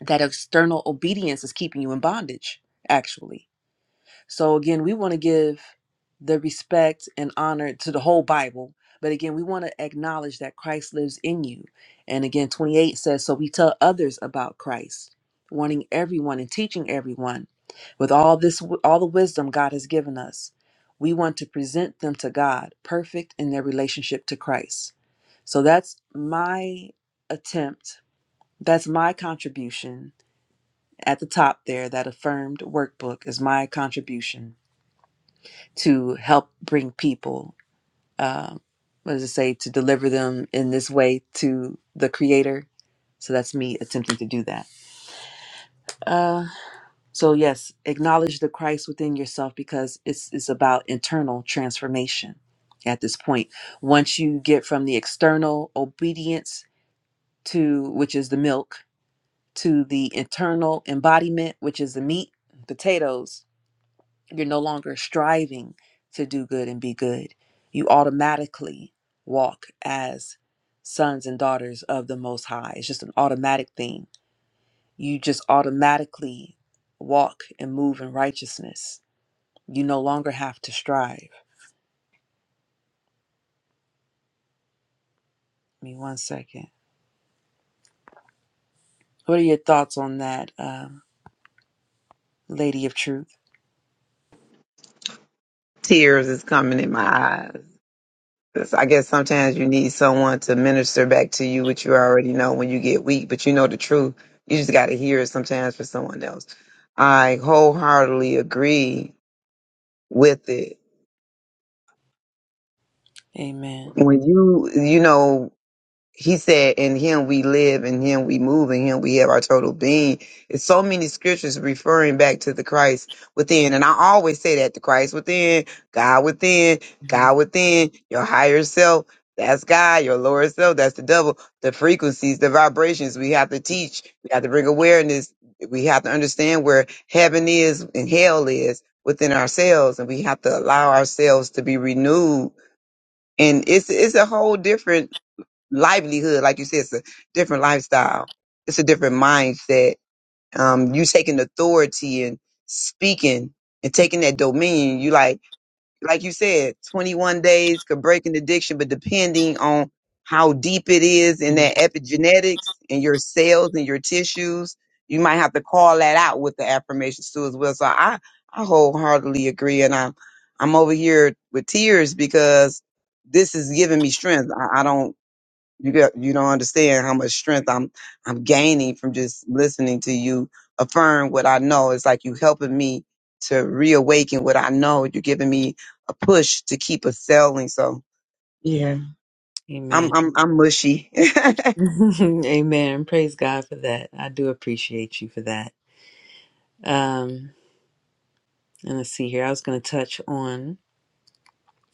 That external obedience is keeping you in bondage, actually so again, we want to give the respect and honor to the whole Bible. But again, we want to acknowledge that Christ lives in you. And again, 28 says, So we tell others about Christ, warning everyone and teaching everyone with all this all the wisdom God has given us. We want to present them to God, perfect in their relationship to Christ. So that's my attempt. That's my contribution at the top there. That affirmed workbook is my contribution to help bring people, um, what does it say, to deliver them in this way to the Creator. So that's me attempting to do that. Uh, so yes, acknowledge the Christ within yourself because it's it's about internal transformation. At this point, once you get from the external obedience to which is the milk to the internal embodiment, which is the meat, potatoes, You're no longer striving to do good and be good. You automatically walk as sons and daughters of the Most High. It's just an automatic thing. You just automatically walk and move in righteousness. You no longer have to strive. Give me one second. What are your thoughts on that, um, Lady of Truth? tears is coming in my eyes. 'Cause I guess sometimes you need someone to minister back to you, which you already know when you get weak, but you know the truth. You just got to hear it sometimes for someone else. I wholeheartedly agree with it. Amen. When you, you know, he said, in him we live, in him we move, in him we have our total being. It's so many scriptures referring back to the Christ within. And I always say that the Christ within, God within, Mhm. God within, your higher self, that's God, your lower self, that's the devil. The frequencies, the vibrations, we have to teach, we have to bring awareness, we have to understand where heaven is and hell is within ourselves, and we have to allow ourselves to be renewed. And it's it's a whole different livelihood, like you said, it's a different lifestyle. It's a different mindset. Um, you taking authority and speaking and taking that dominion. You like, like you said, 21 days could break an addiction, but depending on how deep it is in Mhm. that epigenetics and your cells and your tissues, you might have to call that out with the affirmations too as well. So I, I wholeheartedly agree. And I'm, I'm over here with tears because this is giving me strength. I, I don't you got you don't understand how much strength I'm I'm gaining from just listening to you affirm what I know. It's like you helping me to reawaken what I know. You're giving me a push to keep excelling. So yeah, Amen. I'm I'm I'm mushy. Amen. Praise God for that. I do appreciate you for that. Um, And let's see here. I was going to touch on,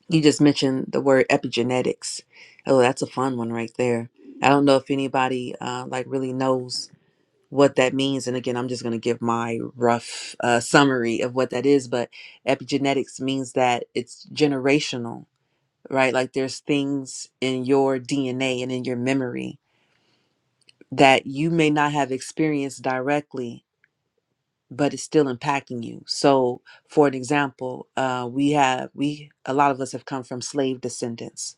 you just mentioned the word epigenetics. Oh, that's a fun one right there. I don't know if anybody uh, like really knows what that means. And again, I'm just going to give my rough uh, summary of what that is. But epigenetics means that it's generational, right? Like there's things in your DNA and in your memory that you may not have experienced directly but it's still impacting you. So, for an example, uh, we have we a lot of us have come from slave descendants,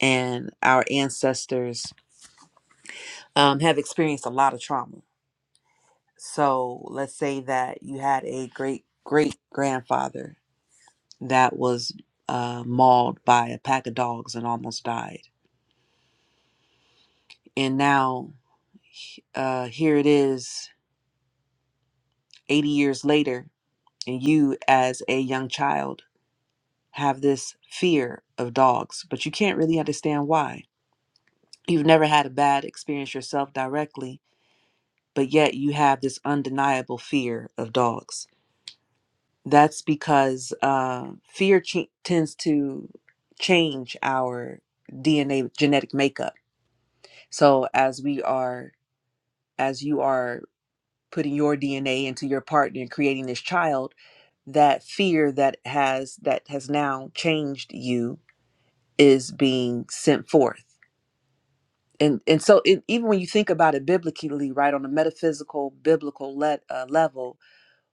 and our ancestors um, have experienced a lot of trauma. So, let's say that you had a great great grandfather that was uh, mauled by a pack of dogs and almost died, and now uh, here it is, eighty years later, and you as a young child have this fear of dogs, but you can't really understand why. You've never had a bad experience yourself directly, but yet you have this undeniable fear of dogs. That's because uh, fear ch- tends to change our DNA genetic makeup. So as we are, as you are putting your DNA into your partner and creating this child, that fear that has that has now changed you is being sent forth and and so it, even when you think about it biblically right on a metaphysical biblical let, uh, level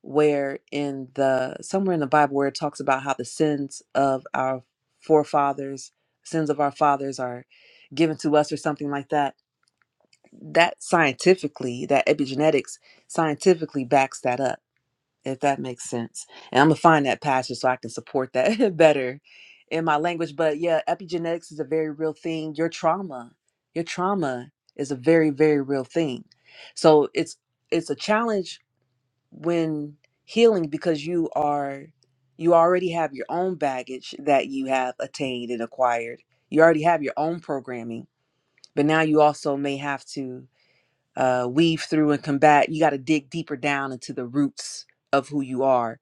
where in the somewhere in the bible where it talks about how the sins of our forefathers sins of our fathers are given to us or something like that that scientifically that epigenetics scientifically backs that up if that makes sense. And I'm gonna find that passage so I can support that better in my language. But yeah, epigenetics is a very real thing. Your trauma, your trauma is a very, very real thing. So it's it's a challenge when healing because you are you already have your own baggage that you have attained and acquired. You already have your own programming, but now you also may have to uh, weave through and combat. You got to dig deeper down into the roots of who you are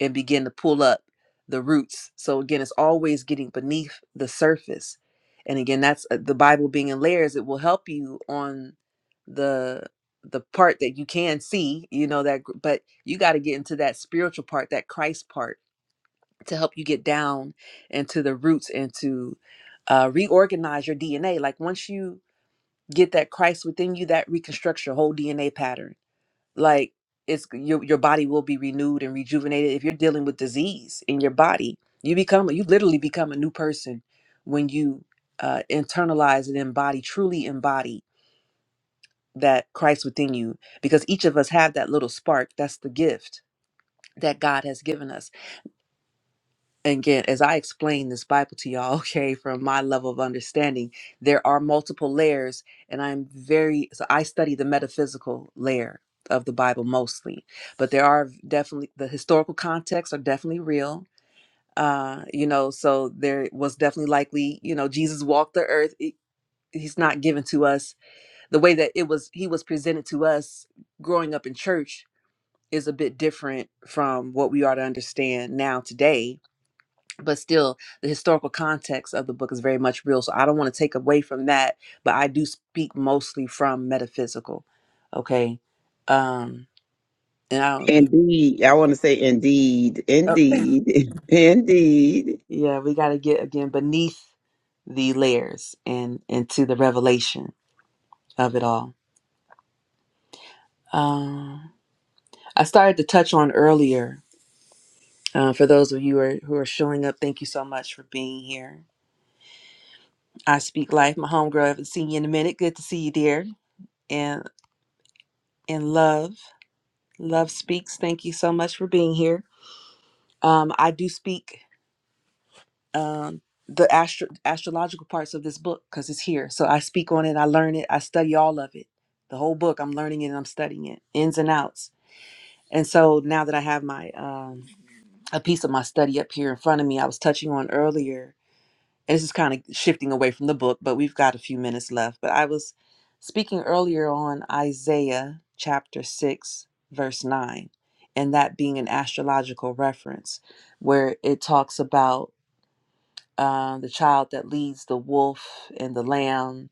and begin to pull up the roots. So again, it's always getting beneath the surface. And again, that's uh, the Bible being in layers. It will help you on the the part that you can see, you know that gr- but you got to get into that spiritual part, that Christ part to help you get down into the roots and to uh, reorganize your DNA. Like once you get that Christ within you, that reconstructs your whole DNA pattern like it's your your body will be renewed and rejuvenated if you're dealing with disease in your body you become you literally become a new person when you uh, internalize and embody truly embody that christ within you because each of us have that little spark that's the gift that god has given us again, as I explain this Bible to y'all, okay, from my level of understanding, there are multiple layers, and I'm very so I study the metaphysical layer of the Bible mostly, but there are definitely the historical contexts are definitely real. Uh, you know, so there was definitely likely, you know, Jesus walked the earth. He- He's not given to us the way that it was he was presented to us growing up in church is a bit different from what we are to understand now today but still the historical context of the book is very much real so i don't want to take away from that but i do speak mostly from metaphysical okay um and i don't, indeed, I want to say indeed, oh, indeed, indeed. yeah we got to get again beneath the layers and into the revelation of it all um i started to touch on earlier uh, for those of you who are, who are showing up thank you so much for being here i speak life my homegirl haven't seen you in a minute good to see you dear and in love Love Speaks. Thank you so much for being here. Um, I do speak um, the astro- astrological parts of this book because it's here. So I speak on it, I learn it, I study all of it. The whole book, I'm learning it and I'm studying it, ins and outs. And so now that I have my um, a piece of my study up here in front of me, I was touching on earlier. And this is kind of shifting away from the book, but we've got a few minutes left. But I was speaking earlier on Isaiah chapter 6, verse 9, and that being an astrological reference where it talks about uh, the child that leads the wolf and the lamb,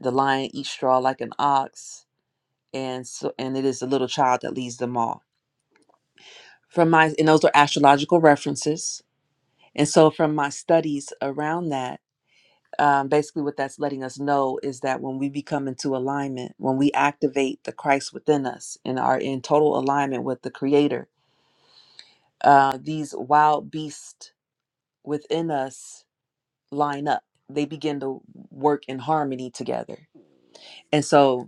the lion eats straw like an ox, and so and it is the little child that leads them all. From my and those are astrological references. And so from my studies around that, um, basically what that's letting us know is that when we become into alignment when we activate the christ within us and are in total alignment with the creator uh, these wild beasts within us line up they begin to work in harmony together and so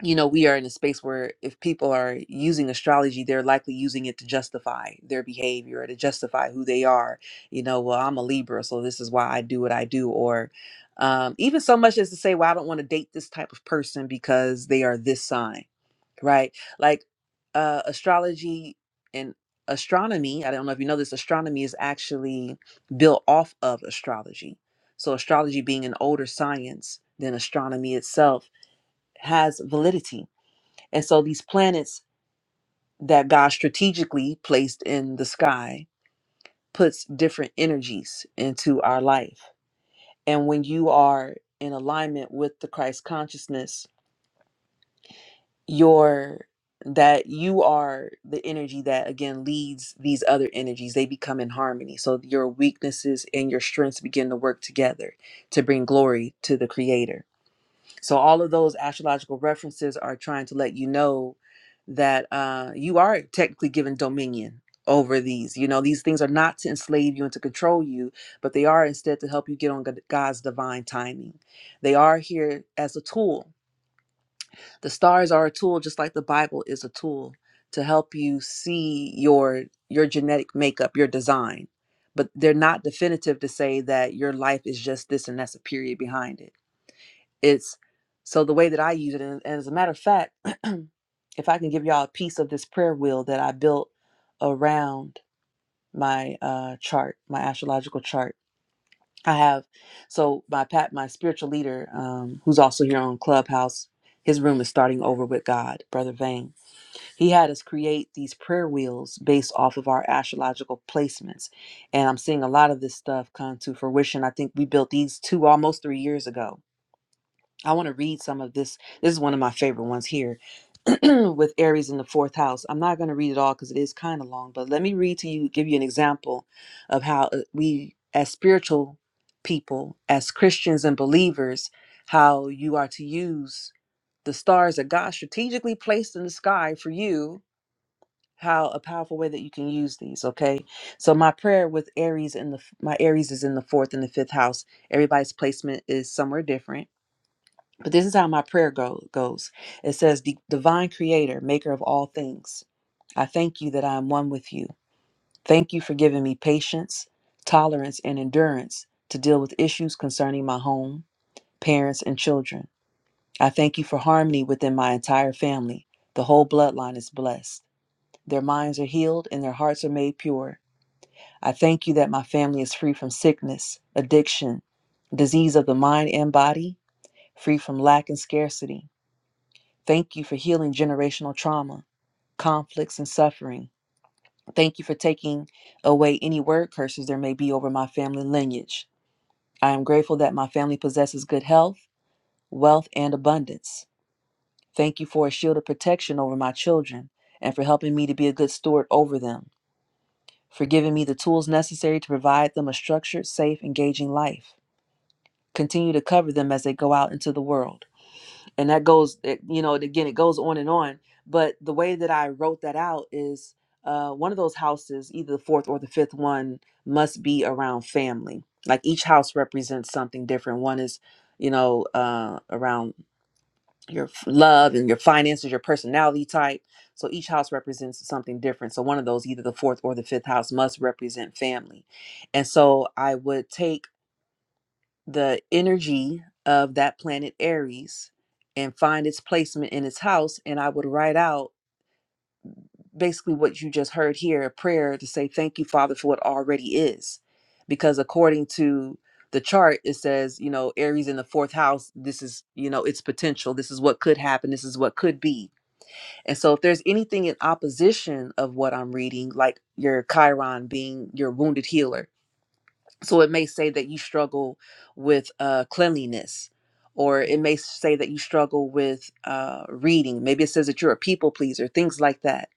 you know, we are in a space where if people are using astrology, they're likely using it to justify their behavior or to justify who they are. You know, well, I'm a Libra, so this is why I do what I do. Or um, even so much as to say, well, I don't want to date this type of person because they are this sign, right? Like uh, astrology and astronomy, I don't know if you know this, astronomy is actually built off of astrology. So astrology being an older science than astronomy itself has validity and so these planets that God strategically placed in the sky puts different energies into our life. And when you are in alignment with the Christ consciousness, your that you are the energy that again leads these other energies they become in harmony so your weaknesses and your strengths begin to work together to bring glory to the creator So all of those astrological references are trying to let you know that uh, you are technically given dominion over these. You know, these things are not to enslave you and to control you, but they are instead to help you get on God- God's divine timing. They are here as a tool. The stars are a tool, just like the Bible is a tool to help you see your your genetic makeup, your design. But they're not definitive to say that your life is just this and that's a period behind it it's so the way that I use it, and, and as a matter of fact, if I can give y'all a piece of this prayer wheel that I built around my uh, chart, my astrological chart, I have. So my pat, my spiritual leader, um, who's also here on Clubhouse, his room is starting over with God, Brother Vane. He had us create these prayer wheels based off of our astrological placements, and I'm seeing a lot of this stuff come to fruition. I think we built these two almost three years ago I want to read some of this. This is one of my favorite ones here with Aries in the fourth house. I'm not going to read it all because it is kind of long, but let me read to you, give you an example of how uh, we, as spiritual people, as Christians and believers, how you are to use the stars that God strategically placed in the sky for you. How a powerful way that you can use these. Okay, so my prayer with Aries in the f- my Aries is in the fourth and the fifth house. Everybody's placement is somewhere different but this is how my prayer go, goes. It says, "The divine creator, maker of all things, I thank you that I am one with you. Thank you for giving me patience, tolerance, and endurance to deal with issues concerning my home, parents, and children. I thank you for harmony within my entire family. The whole bloodline is blessed. Their minds are healed and their hearts are made pure. I thank you that my family is free from sickness, addiction, disease of the mind and body, free from lack and scarcity. Thank you for healing generational trauma, conflicts, and suffering. Thank you for taking away any word curses there may be over my family lineage. I am grateful that my family possesses good health, wealth, and abundance. Thank you for a shield of protection over my children and for helping me to be a good steward over them, for giving me the tools necessary to provide them a structured, safe, engaging life. Continue to cover them as they go out into the world. and that goes it, you know again it goes on and on but the way that i wrote that out is uh, one of those houses either the fourth or the fifth one must be around family like each house represents something different one is you know uh, around your f- love and your finances your personality type so each house represents something different so one of those either the fourth or the fifth house must represent family and so i would take the energy of that planet Aries and find its placement in its house. And I would write out basically what you just heard here a prayer to say, Thank you, Father, for what already is. Because according to the chart, it says, you know, Aries in the fourth house, this is, you know, its potential. This is what could happen. This is what could be. And so if there's anything in opposition of what I'm reading, like your Chiron being your wounded healer, so it may say that you struggle with uh, cleanliness, or it may say that you struggle with uh, reading. Maybe it says that you're a people pleaser, things like that.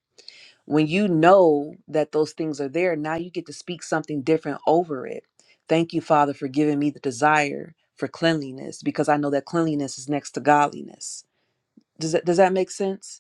When you know that those things are there, now you get to speak something different over it. Thank you, Father, for giving me the desire for cleanliness because I know that cleanliness is next to godliness. Does that, does that make sense?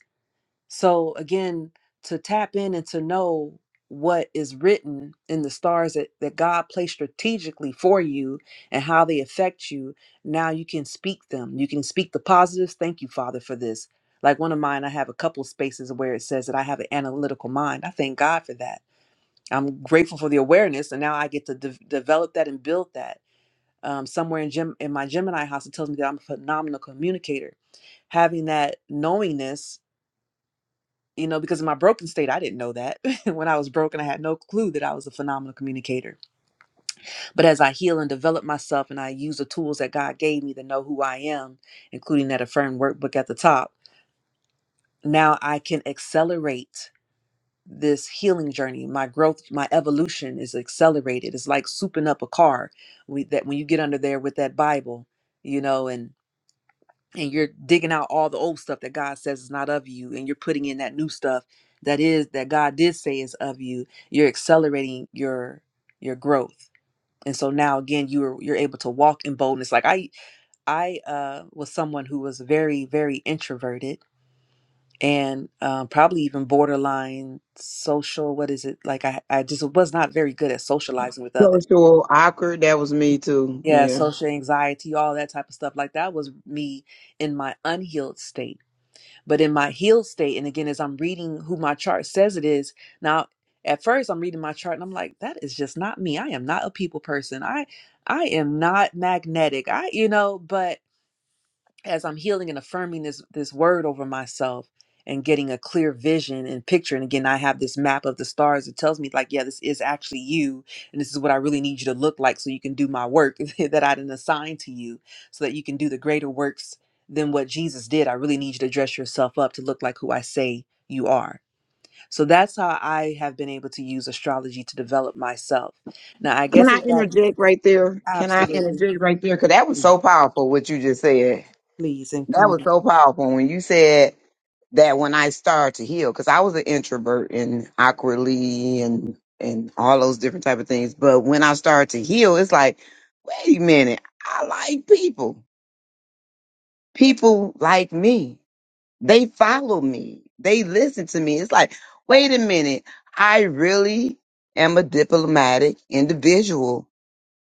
So again, to tap in and to know what is written in the stars that, that God placed strategically for you and how they affect you, now you can speak them. You can speak the positives. Thank you, Father, for this. Like one of mine, I have a couple spaces where it says that I have an analytical mind. I thank God for that. I'm grateful for the awareness, and now I get to de- develop that and build that. Um, somewhere in Gem- in my Gemini house, it tells me that I'm a phenomenal communicator having that knowingness you know, because in my broken state, I didn't know that. when I was broken, I had no clue that I was a phenomenal communicator. But as I heal and develop myself and I use the tools that God gave me to know who I am, including that affirm workbook at the top, now I can accelerate this healing journey. My growth, my evolution is accelerated. It's like souping up a car. We, that when you get under there with that Bible, you know, and and you're digging out all the old stuff that God says is not of you, and you're putting in that new stuff that is that God did say is of you, you're accelerating your your growth. And so now again, you're you're able to walk in boldness. Like I I uh, was someone who was very very introverted and um, probably even borderline social. What is it like? I I just was not very good at socializing with others. Social awkward. That was me too. Yeah, Yeah. social anxiety, all that type of stuff. Like that was me in my unhealed state But in my healed state, and again, as I'm reading who my chart says it is, now at first I'm reading my chart and I'm like, that is just not me. I am not a people person. I I am not magnetic. I, you know, but as I'm healing and affirming this this word over myself and getting a clear vision and picture and again I have this map of the stars that tells me like yeah this is actually you and this is what I really need you to look like so you can do my work that I didn't assign to you so that you can do the greater works than what Jesus did I really need you to dress yourself up to look like who I say you are so that's how I have been able to use astrology to develop myself now I Can guess I it got interject right there? Can I absolutely interject right there? Because that was so powerful what you just said. please and come That on was so powerful when you said that when I started to heal, because I was an introvert and awkwardly and and all those different type of things. But when I started to heal, it's like, wait a minute, I like people. People like me. They follow me. They listen to me. It's like, wait a minute, I really am a diplomatic individual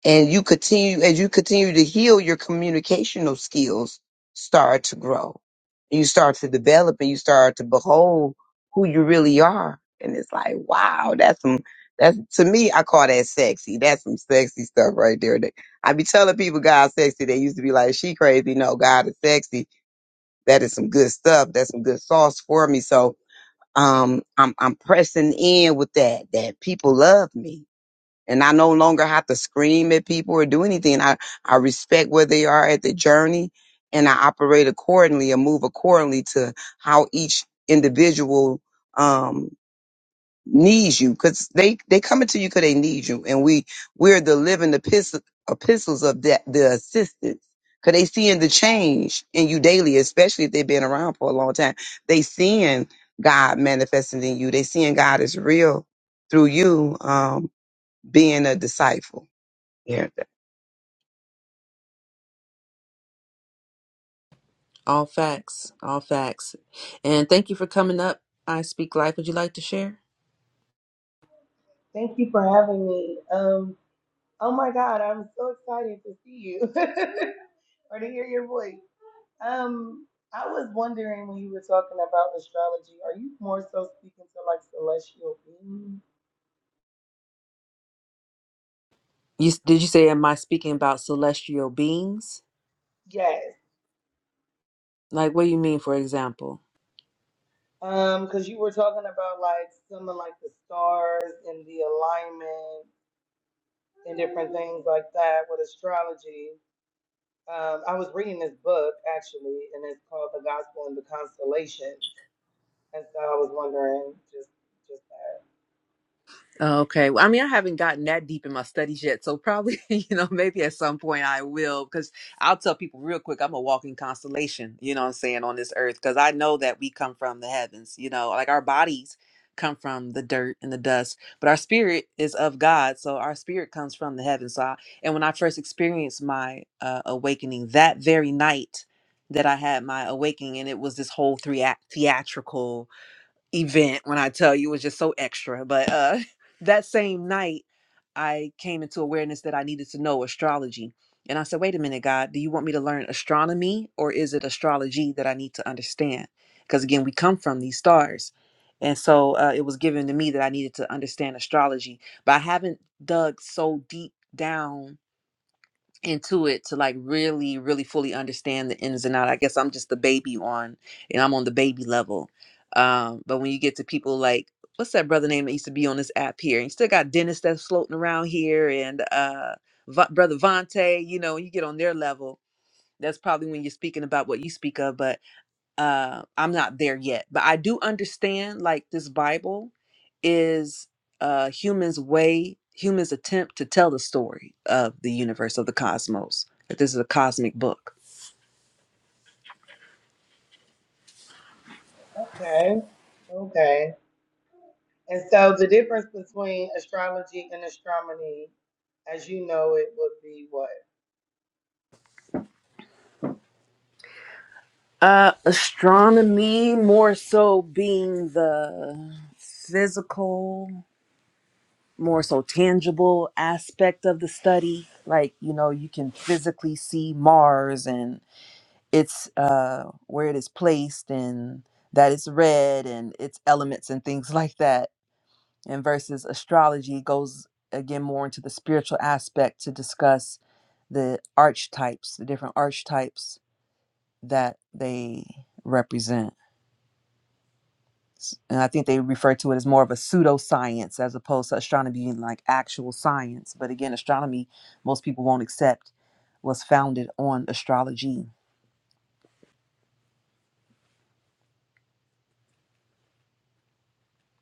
and you continue as you continue to heal your communicational skills start to grow you start to develop and you start to behold who you really are and it's like wow that's some that's to me i call that sexy that's some sexy stuff right there that i be telling people god's sexy they used to be like she crazy no god is sexy that is some good stuff that's some good sauce for me so um i'm i'm pressing in with that that people love me and I no longer have to scream at people or do anything. I, I respect where they are at the journey and I operate accordingly and move accordingly to how each individual um needs you because they they coming to you because they need you and we we're the living epistle, epistles of that the assistance because they seeing the change in you daily especially if they've been around for a long time they seeing god manifesting in you they seeing god is real through you Um being a disciple. Yeah. All facts. All facts. And thank you for coming up. I Speak Life. Would you like to share? Thank you for having me. Um, oh my God, I'm so excited to see you or to hear your voice. Um, I was wondering when you were talking about astrology, are you more so speaking to like celestial beings? You did you say am I speaking about celestial beings? Yes. Like what do you mean for example? Um, because you were talking about like some of like the stars and the alignment and different things like that with astrology. Um, I was reading this book actually, and it's called The Gospel and the Constellations. And so I was wondering just Okay. Well, I mean, I haven't gotten that deep in my studies yet, so probably, you know, maybe at some point I will, because I'll tell people real quick, I'm a walking constellation, you know what I'm saying, on this earth, because I know that we come from the heavens, you know, like our bodies come from the dirt and the dust, but our spirit is of God, so our spirit comes from the heavens. So, I, and when I first experienced my uh, awakening, that very night that I had my awakening, and it was this whole three act theatrical event when I tell you it was just so extra. But uh, that same night, I came into awareness that I needed to know astrology. And I said, wait a minute, God, do you want me to learn astronomy or is it astrology that I need to understand? Because again, we come from these stars. And so uh, it was given to me that I needed to understand astrology. But I haven't dug so deep down into it to like really really fully understand the ins and out i guess i'm just the baby on and i'm on the baby level um but when you get to people like what's that brother name that used to be on this app here and you still got dennis that's floating around here and uh Va- brother Vante, you know you get on their level that's probably when you're speaking about what you speak of but uh i'm not there yet but i do understand like this bible is uh humans way humans attempt to tell the story of the universe of the cosmos that this is a cosmic book Okay. Okay. And so the difference between astrology and astronomy, as you know, it would be what? uh astronomy more so being the physical more so tangible aspect of the study like you know you can physically see mars and. it's uh, where it is placed and that it's read and its elements and things like that. And versus astrology goes again more into the spiritual aspect to discuss the archetypes, the different archetypes that they represent. S- And I think they refer to it as more of a pseudoscience as opposed to astronomy being like actual science. But again, astronomy, most people won't accept, was founded on astrology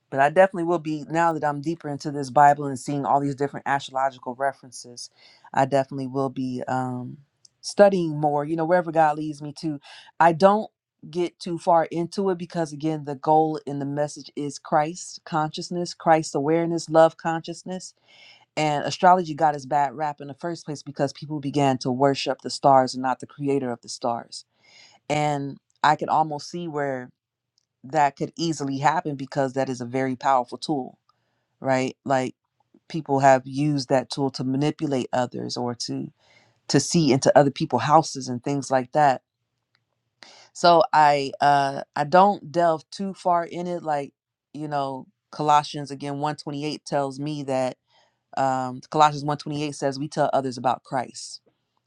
but I definitely will be now that I'm deeper into this Bible and seeing all these different astrological references. I definitely will be um, studying more, you know, wherever God leads me to. I don't get too far into it because, again, the goal in the message is Christ consciousness, Christ awareness, love consciousness. And astrology got its bad rap in the first place because people began to worship the stars and not the creator of the stars. And I can almost see where that could easily happen because that is a very powerful tool right? Like people have used that tool to manipulate others or to to see into other people's houses and things like that. So I uh I don't delve too far in it like, you know, Colossians again 128 tells me that um Colossians 128 says we tell others about Christ,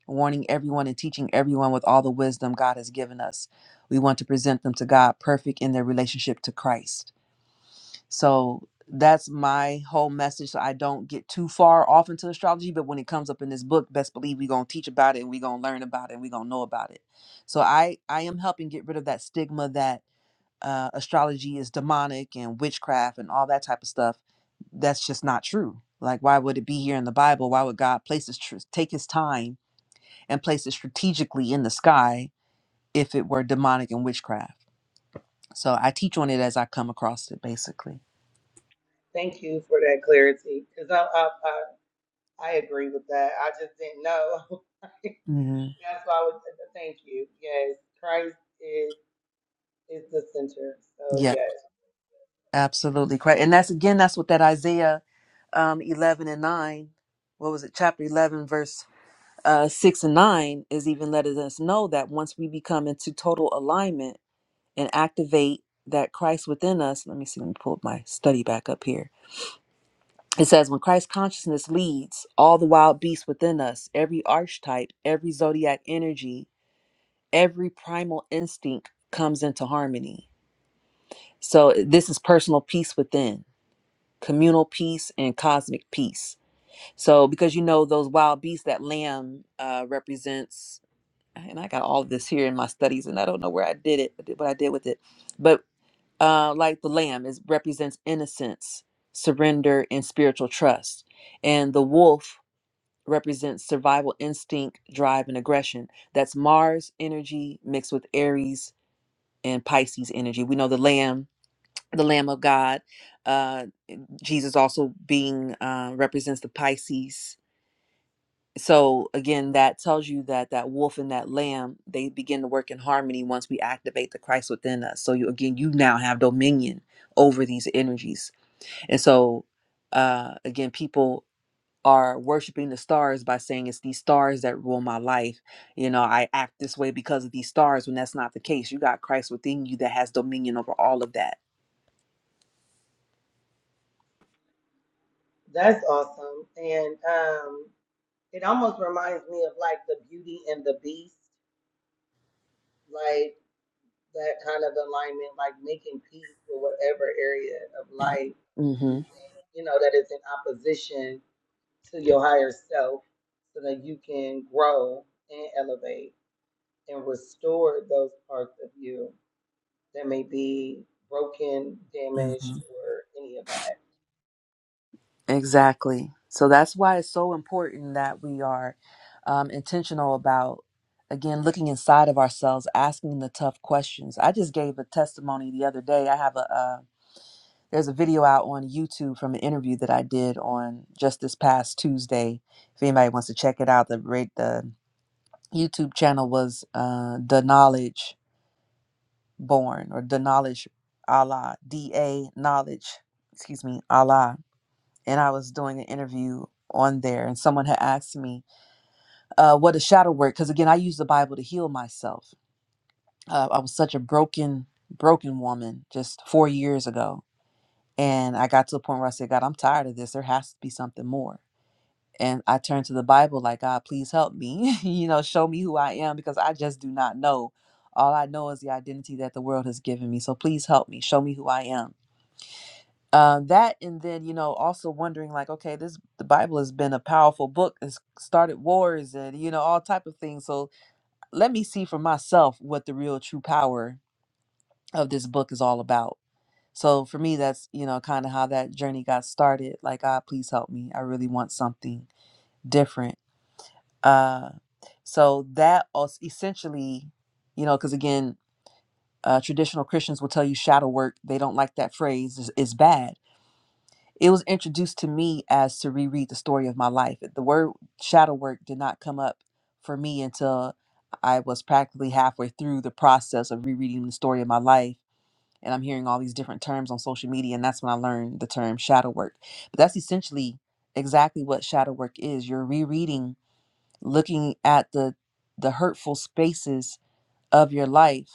warning everyone and teaching everyone with all the wisdom God has given us. We want to present them to God perfect in their relationship to Christ. So that's my whole message. So I don't get too far off into astrology, but when it comes up in this book, best believe we're gonna teach about it and we're gonna learn about it and we're gonna know about it. So I I am helping get rid of that stigma that uh, astrology is demonic and witchcraft and all that type of stuff. That's just not true. Like, why would it be here in the Bible? Why would God place this, tr- take his time and place it strategically in the sky if it were demonic and witchcraft? So I teach on it as I come across it, basically. Thank you for that clarity, because I, I I I agree with that. I just didn't know. That's hmm why I was. Thank you. Yes, Christ is is the center. So yes, Absolutely correct. And that's again, that's what that Isaiah um, 11 and 9, what was it, chapter 11, verse uh, 6 and 9 is even letting us know that once we become into total alignment and activate that Christ within us, let me see, let me pull my study back up here. It says, when Christ consciousness leads all the wild beasts within us, every archetype, every zodiac energy, every primal instinct comes into harmony. So this is personal peace within communal peace and cosmic peace. So, because you know those wild beasts, that lamb uh, represents, and I got all of this here in my studies, and I don't know where I did it, but what I did with it, but uh, like the lamb is represents innocence, surrender, and spiritual trust, and the wolf represents survival instinct, drive, and aggression. That's Mars energy mixed with Aries and Pisces energy. We know the lamb, the Lamb of God. uh. Jesus also being uh, represents the Pisces. So again, that tells you that that wolf and that lamb they begin to work in harmony once we activate the Christ within us. So you again, you now have dominion over these energies, and so uh, again, people are worshiping the stars by saying it's these stars that rule my life. You know, I act this way because of these stars. When that's not the case, you got Christ within you that has dominion over all of that. that's awesome. And um, it almost reminds me of like the Beauty and the Beast. like. that kind of alignment, like making peace with whatever area of life you hmm think, you know, that is in opposition to your higher self so that you can grow and elevate and restore those parts of you that may be broken, damaged, or any of that. Exactly. So that's why it's so important that we are um, intentional about, again, looking inside of ourselves, asking the tough questions. I just gave a testimony the other day. I have a, uh, there's a video out on YouTube from an interview that I did on just this past Tuesday. If anybody wants to check it out, the rate, the YouTube channel was uh, The Knowledge Born or The Knowledge Allah, D A Knowledge, excuse me, Allah and I was doing an interview on there, and someone had asked me uh, what a shadow work, because again, I use the Bible to heal myself. Uh, I was such a broken, broken woman just four years ago, and I got to a point where I said, God, I'm tired of this. There has to be something more. And I turned to the Bible, like, God, please help me, you know, show me who I am, because I just do not know. All I know is the identity that the world has given me. So please help me, show me who I am uh, that and then you know also wondering like okay this the bible has been a powerful book it's started wars and you know all type of things so let me see for myself what the real true power of this book is all about so for me that's you know kind of how that journey got started like god please help me i really want something different uh so that also essentially you know because again uh, traditional christians will tell you shadow work they don't like that phrase is, is bad It was introduced to me as to reread the story of my life. The word shadow work did not come up for me until I was practically halfway through the process of rereading the story of my life. And I'm hearing all these different terms on social media, and that's when I learned the term shadow work. But that's essentially exactly what shadow work is. You're rereading, looking at the the hurtful spaces of your life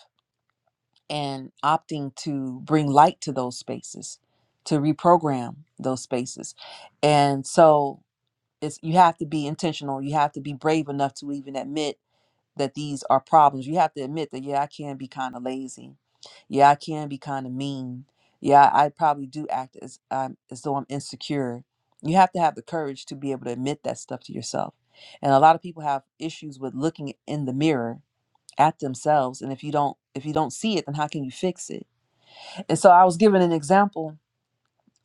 and opting to bring light to those spaces to reprogram those spaces and so it's you have to be intentional you have to be brave enough to even admit that these are problems you have to admit that yeah i can be kind of lazy yeah i can be kind of mean yeah i probably do act as um, as though i'm insecure you have to have the courage to be able to admit that stuff to yourself and a lot of people have issues with looking in the mirror at themselves and if you don't if you don't see it then how can you fix it and so I was given an example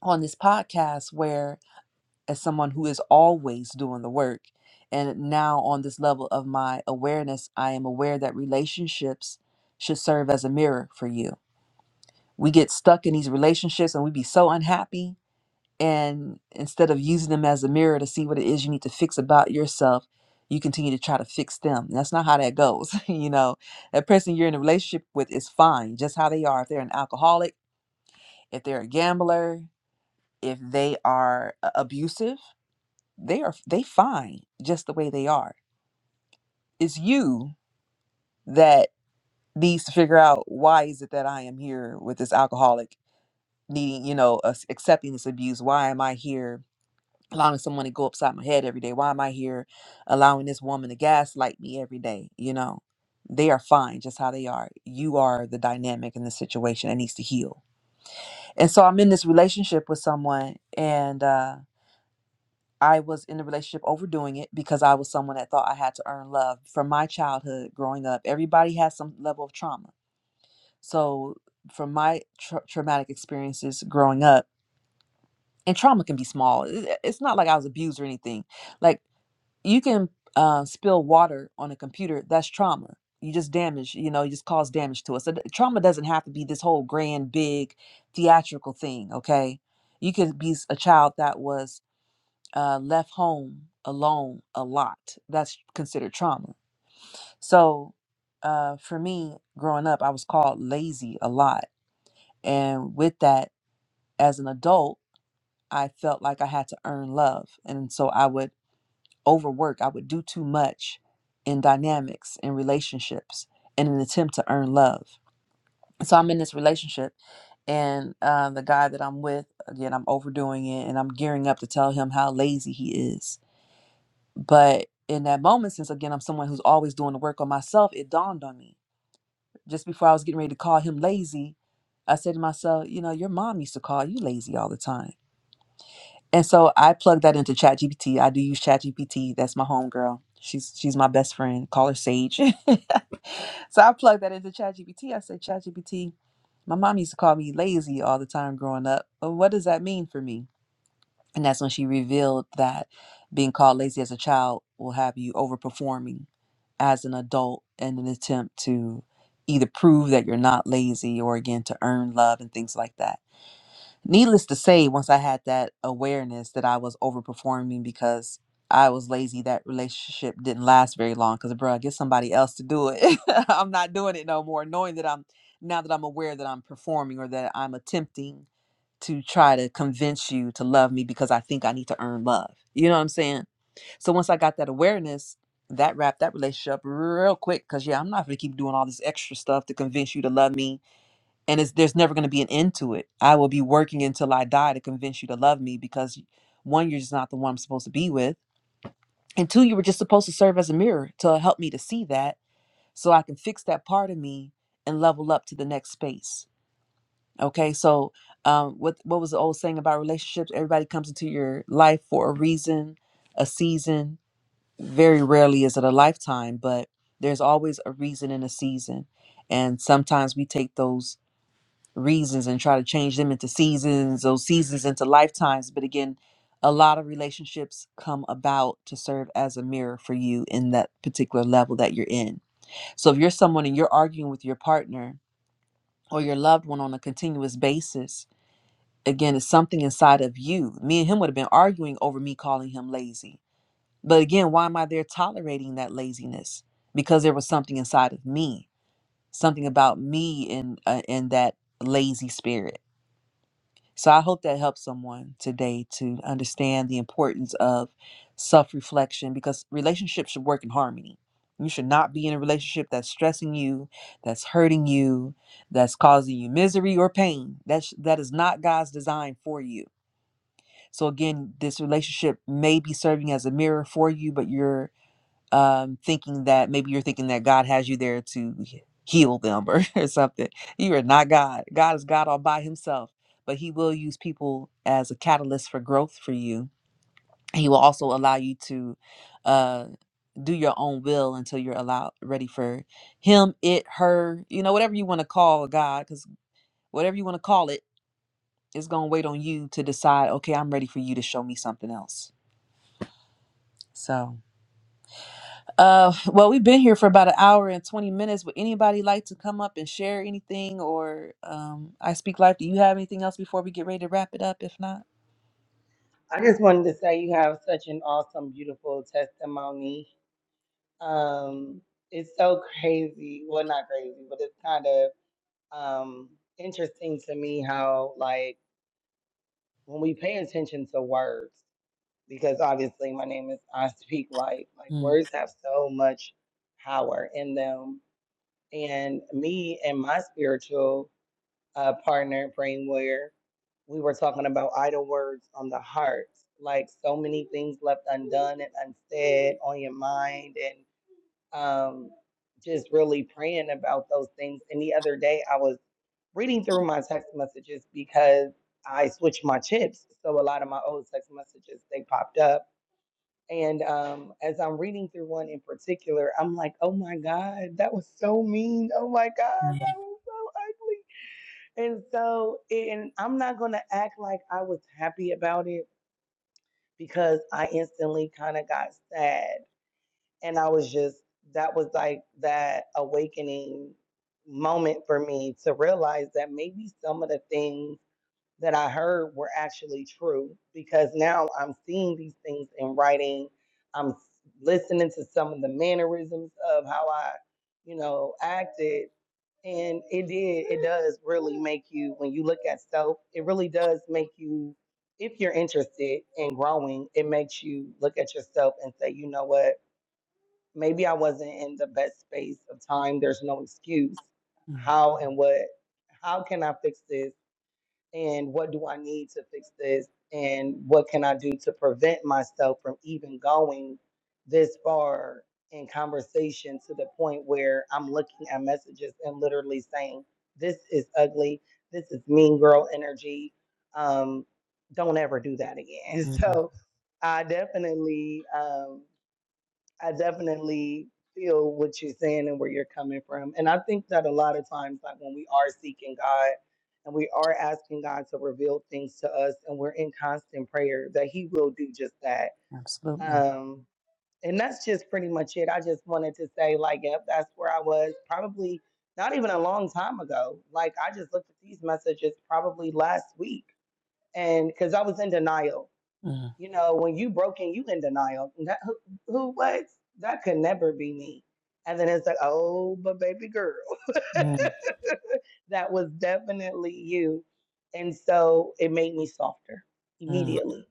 on this podcast where, as someone who is always doing the work, and now on this level of my awareness, I am aware that relationships should serve as a mirror for you. We get stuck in these relationships and we be so unhappy. And instead of using them as a mirror to see what it is you need to fix about yourself, you continue to try to fix them. That's not how that goes. you know, that person you're in a relationship with is fine, just how they are. If they're an alcoholic, if they're a gambler, if they are a- abusive they are they fine just the way they are it's you that needs to figure out why is it that i am here with this alcoholic needing you know us accepting this abuse why am i here allowing someone to go upside my head every day why am i here allowing this woman to gaslight me every day you know they are fine just how they are you are the dynamic in the situation that needs to heal and so i'm in this relationship with someone and uh I was in a relationship overdoing it because I was someone that thought I had to earn love from my childhood growing up. Everybody has some level of trauma. So, from my tra- traumatic experiences growing up, and trauma can be small, it- it's not like I was abused or anything. Like, you can uh, spill water on a computer, that's trauma. You just damage, you know, you just cause damage to us. So, th- trauma doesn't have to be this whole grand, big, theatrical thing, okay? You could be s- a child that was uh, left home alone a lot. That's considered trauma. So uh, for me, growing up, I was called lazy a lot. And with that, as an adult, I felt like I had to earn love. And so I would overwork, I would do too much in dynamics, in relationships, in an attempt to earn love. So I'm in this relationship, and uh, the guy that I'm with, again, I'm overdoing it and I'm gearing up to tell him how lazy he is But in that moment, since again, I'm someone who's always doing the work on myself, it dawned on me. Just before I was getting ready to call him lazy, I said to myself, you know, your mom used to call you lazy all the time. And so I plugged that into ChatGPT. I do use ChatGPT. That's my homegirl. She's she's my best friend. Call her Sage. so I plugged that into ChatGPT. I said, ChatGPT, my mom used to call me lazy all the time growing up. What does that mean for me? And that's when she revealed that being called lazy as a child will have you overperforming as an adult in an attempt to either prove that you're not lazy or again to earn love and things like that. Needless to say, once I had that awareness that I was overperforming because I was lazy, that relationship didn't last very long because, bro, get somebody else to do it. I'm not doing it no more, knowing that I'm now that I'm aware that I'm performing or that I'm attempting to try to convince you to love me because I think I need to earn love. You know what I'm saying? So once I got that awareness, that wrapped that relationship up real quick because yeah, I'm not gonna keep doing all this extra stuff to convince you to love me. And it's there's never gonna be an end to it. I will be working until I die to convince you to love me because one, you're just not the one I'm supposed to be with. And two, you were just supposed to serve as a mirror to help me to see that so I can fix that part of me and level up to the next space Okay, so um, what what was the old saying about relationships? Everybody comes into your life for a reason, a season. Very rarely is it a lifetime, but there's always a reason and a season. And sometimes we take those reasons and try to change them into seasons, those seasons into lifetimes. But again, a lot of relationships come about to serve as a mirror for you in that particular level that you're in. So if you're someone and you're arguing with your partner or your loved one on a continuous basis, Again, it's something inside of you. Me and him would have been arguing over me calling him lazy. But again, why am I there tolerating that laziness? Because there was something inside of me, something about me and uh, and that lazy spirit. So I hope that helps someone today to understand the importance of self-reflection because relationships should work in harmony. You should not be in a relationship that's stressing you, that's hurting you, that's causing you misery or pain. That's that is not God's design for you so again, this relationship may be serving as a mirror for you, but you're um, thinking that maybe you're thinking that God has you there to he- heal them or, or something. You are not God. God is God all by himself, but he will use people as a catalyst for growth for you. He will also allow you to uh, do your own will until you're allowed ready for him, it, her, you know, whatever you want to call God, because whatever you want to call it, it's going to wait on you to decide, okay, I'm ready for you to show me something else So, uh, well, we've been here for about an hour and 20 minutes. Would anybody like to come up and share anything? Or um, I Speak Life, do you have anything else before we get ready to wrap it up? If not, I just wanted to say you have such an awesome, beautiful testimony. Um, it's so crazy. Well, not crazy, but it's kind of um interesting to me how like when we pay attention to words because obviously my name is I speak life like mm, words have so much power in them and me and my spiritual uh, partner brain warrior we were talking about idle words on the heart like so many things left undone and unsaid on your mind and um just really praying about those things and the other day I was reading through my text messages because I switched my chips. So a lot of my old text messages they popped up. And um, as I'm reading through one in particular, I'm like, oh my God, that was so mean. Oh my God, that was so ugly. And so, and I'm not going to act like I was happy about it because I instantly kind of got sad. And I was just, that was like that awakening moment for me to realize that maybe some of the things that I heard were actually true because now I'm seeing these things in writing. I'm s- listening to some of the mannerisms of how I, you know, acted. And it did, it does really make you, when you look at self, it really does make you, if you're interested in growing, it makes you look at yourself and say, you know what, maybe I wasn't in the best space of time. There's no excuse. mm, How and what, how can I fix this? and what do I need to fix this and what can I do to prevent myself from even going this far in conversation to the point where I'm looking at messages and literally saying, This is ugly, this is mean girl energy. Um, don't ever do that again. mm, So I definitely um I definitely feel what you're saying and where you're coming from. And I think that a lot of times, like when we are seeking God and we are asking God to reveal things to us and we're in constant prayer, that He will do just that. absolutely. Um, and that's just pretty much it. I just wanted to say, like, yep, that's where I was probably not even a long time ago. Like, I just looked at these messages probably last week. And because I was in denial Mm, you know, when you broken, you in denial. That, who, who, what? That could never be me. And then it's like, oh, but baby girl, mm, that was definitely you. And so it made me softer mm, immediately.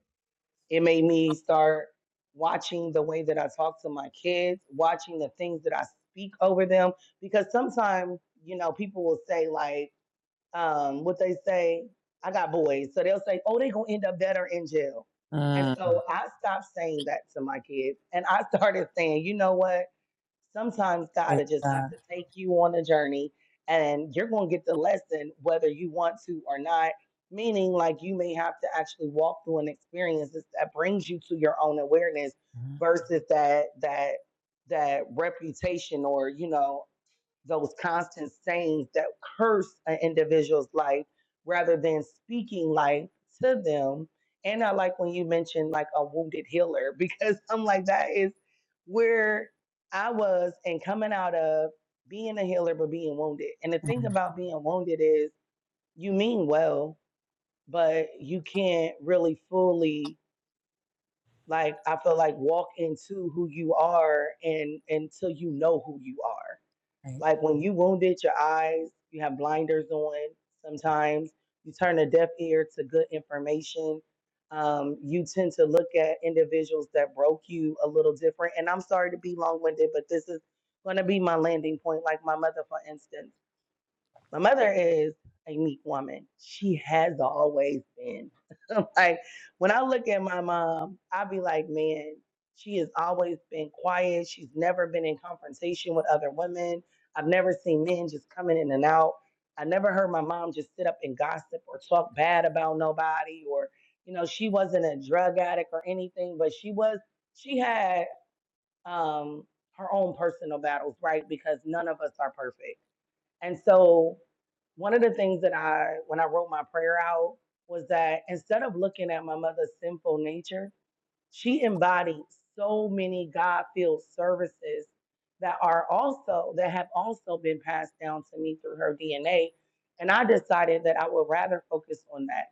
It made me start watching the way that I talk to my kids, watching the things that I speak over them, because sometimes, you know, people will say, like, um, what they say, I got boys. So they'll say, oh, they going to end up dead or in jail. And mm. so I stopped saying that to my kids. And I started saying, you know what? Sometimes God Praise will just have to God. take you on a journey and you're going to get the lesson whether you want to or not. Meaning, like, you may have to actually walk through an experience that brings you to your own awareness Mm, versus that, that, that reputation or, you know, those constant sayings that curse an individual's life rather than speaking life to them. And I like when you mentioned like a wounded healer because I'm like, that is where I was and coming out of being a healer, but being wounded. And the thing mm, about being wounded is you mean well, but you can't really fully like I feel like walk into who you are and until you know who you are. right. Like when you wounded your eyes, you have blinders on sometimes, you turn a deaf ear to good information. Um, you tend to look at individuals that broke you a little different. And I'm sorry to be long winded, but this is going to be my landing point, like my mother, for instance. My mother is a meek woman. She has always been. like when I look at my mom, I be like, man, she has always been quiet. She's never been in confrontation with other women. I've never seen men just coming in and out. I never heard my mom just sit up and gossip or talk bad about nobody or you know, she wasn't a drug addict or anything, but she was she had um her own personal battles, right? Because none of us are perfect and so, one of the things that I, when I wrote my prayer out, was that instead of looking at my mother's sinful nature, she embodied so many God filled services that are also, that have also been passed down to me through her DNA. And I decided that I would rather focus on that.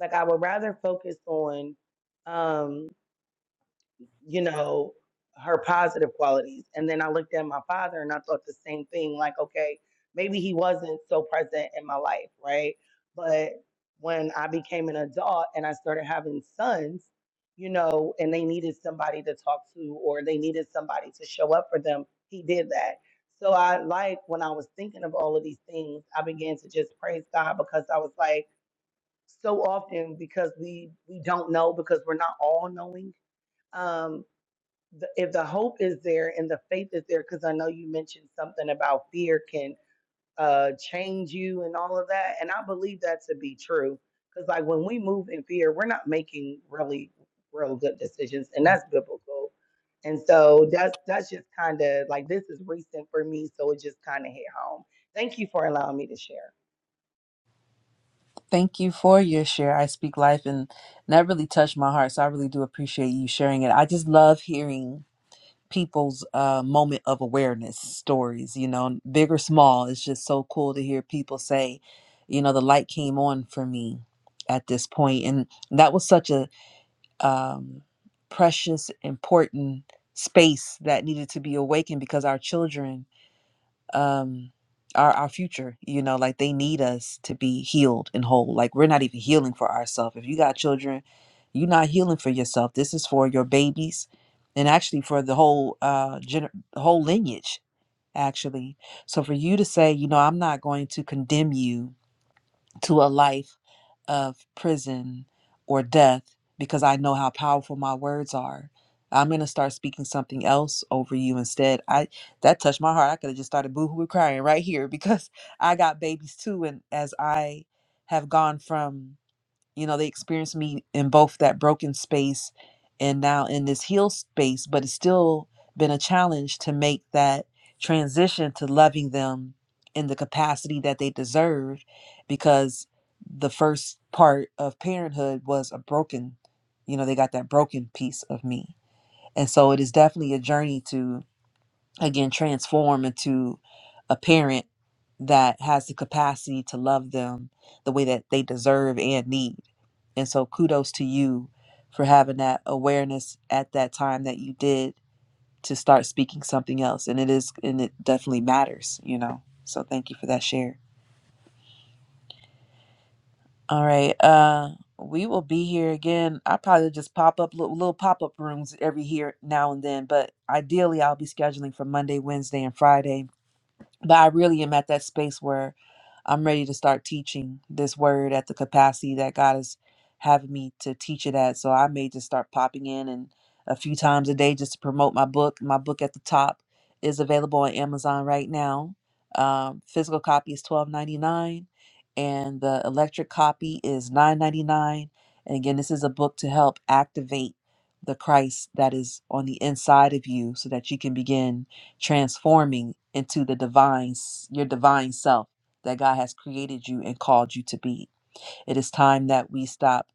Like, I would rather focus on, um, you know, her positive qualities. And then I looked at my father and I thought the same thing like, okay, maybe he wasn't so present in my life, right? But when I became an adult and I started having sons, you know, and they needed somebody to talk to or they needed somebody to show up for them, he did that. So I like when I was thinking of all of these things, I began to just praise God because I was like, so often because we we don't know because we're not all knowing Um, the, if the hope is there and the faith is there, because I know you mentioned something about fear can uh, change you and all of that, and I believe that to be true. Because like when we move in fear, we're not making really real good decisions, and that's biblical. And so that's that's just kind of like this is recent for me, so it just kind of hit home. Thank you for allowing me to share. Thank you for your share. I speak life, and that really touched my heart. So I really do appreciate you sharing it. I just love hearing people's uh, moment of awareness stories, you know, big or small. It's just so cool to hear people say, you know, the light came on for me at this point. And that was such a um, precious, important space that needed to be awakened because our children um our our future you know like they need us to be healed and whole like we're not even healing for ourselves if you got children you're not healing for yourself this is for your babies and actually for the whole uh gener- whole lineage actually so for you to say you know i'm not going to condemn you to a life of prison or death because I know how powerful my words are. I'm gonna start speaking something else over you instead. I that touched my heart. I could have just started boohoo crying right here because I got babies too, and as I have gone from you know they experienced me in both that broken space and now in this healed space but it's still been a challenge to make that transition to loving them in the capacity that they deserve because the first part of parenthood was a broken you know they got that broken piece of me and so it is definitely a journey to again transform into a parent that has the capacity to love them the way that they deserve and need and so kudos to you for having that awareness at that time that you did to start speaking something else. And it is and it definitely matters, you know. So thank you for that share. All right. Uh we will be here again. I probably just pop up little, little pop up rooms every here now and then, but ideally I'll be scheduling for Monday, Wednesday, and Friday but I really am at that space where I'm ready to start teaching this word at the capacity that God is having me to teach it at. So I may just start popping in and a few times a day just to promote my book. My book at the top is available on Amazon right now. Um, physical copy is twelve ninety nine, and the electric copy is nine ninety nine. And again, this is a book to help activate the Christ that is on the inside of you, so that you can begin transforming into the divine your divine self that God has created you and called you to be. It is time that we stop,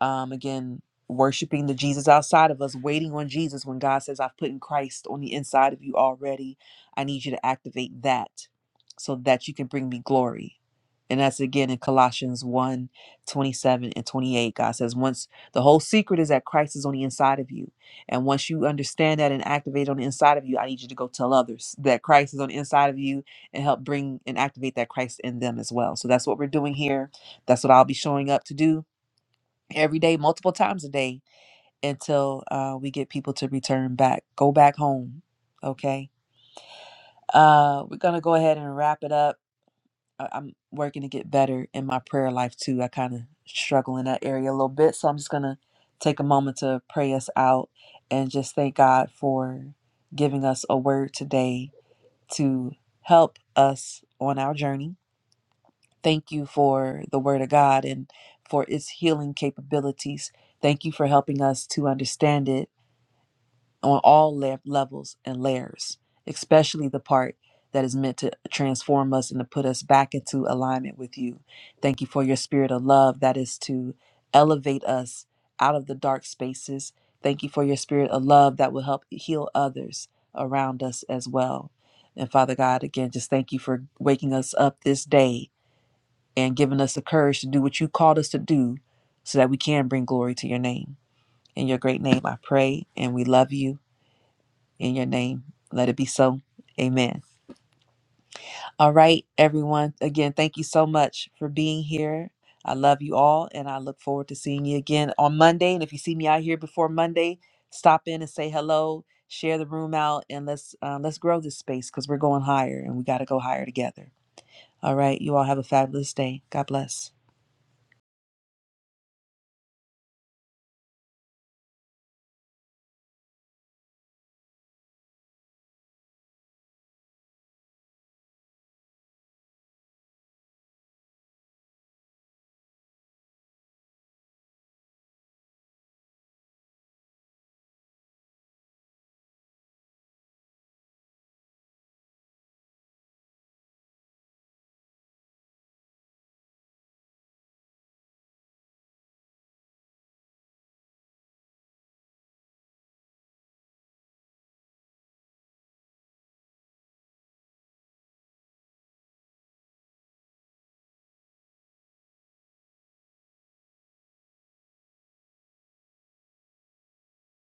um, again, worshiping the Jesus outside of us, waiting on Jesus when God says, I've put in Christ on the inside of you already. I need you to activate that so that you can bring me glory. And that's again in Colossians one 27 and 28. God says, Once the whole secret is that Christ is on the inside of you. And once you understand that and activate on the inside of you, I need you to go tell others that Christ is on the inside of you and help bring and activate that Christ in them as well. So that's what we're doing here that's what I'll be showing up to do every day, multiple times a day until uh, we get people to return back, go back home. Okay. Uh, we're going to go ahead and wrap it up. I- I'm working to get better in my prayer life too. I kind of struggle in that area a little bit. So I'm just going to take a moment to pray us out and just thank God for giving us a word today to help us on our journey Thank you for the Word of God and for its healing capabilities. Thank you for helping us to understand it on all le- levels and layers, especially the part that is meant to transform us and to put us back into alignment with you. Thank you for your spirit of love that is to elevate us out of the dark spaces. Thank you for your spirit of love that will help heal others around us as well. And Father God, again, just thank you for waking us up this day and giving us the courage to do what you called us to do so that we can bring glory to your name. In your great name, I pray, and we love you. In your name, let it be so. Amen. All right, everyone. Again, thank you so much for being here. I love you all, and I look forward to seeing you again on Monday. And if you see me out here before Monday, stop in and say hello, share the room out, and let's uh, let's grow this space because we're going higher, and we got to go higher together. All right, you all have a fabulous day. God bless.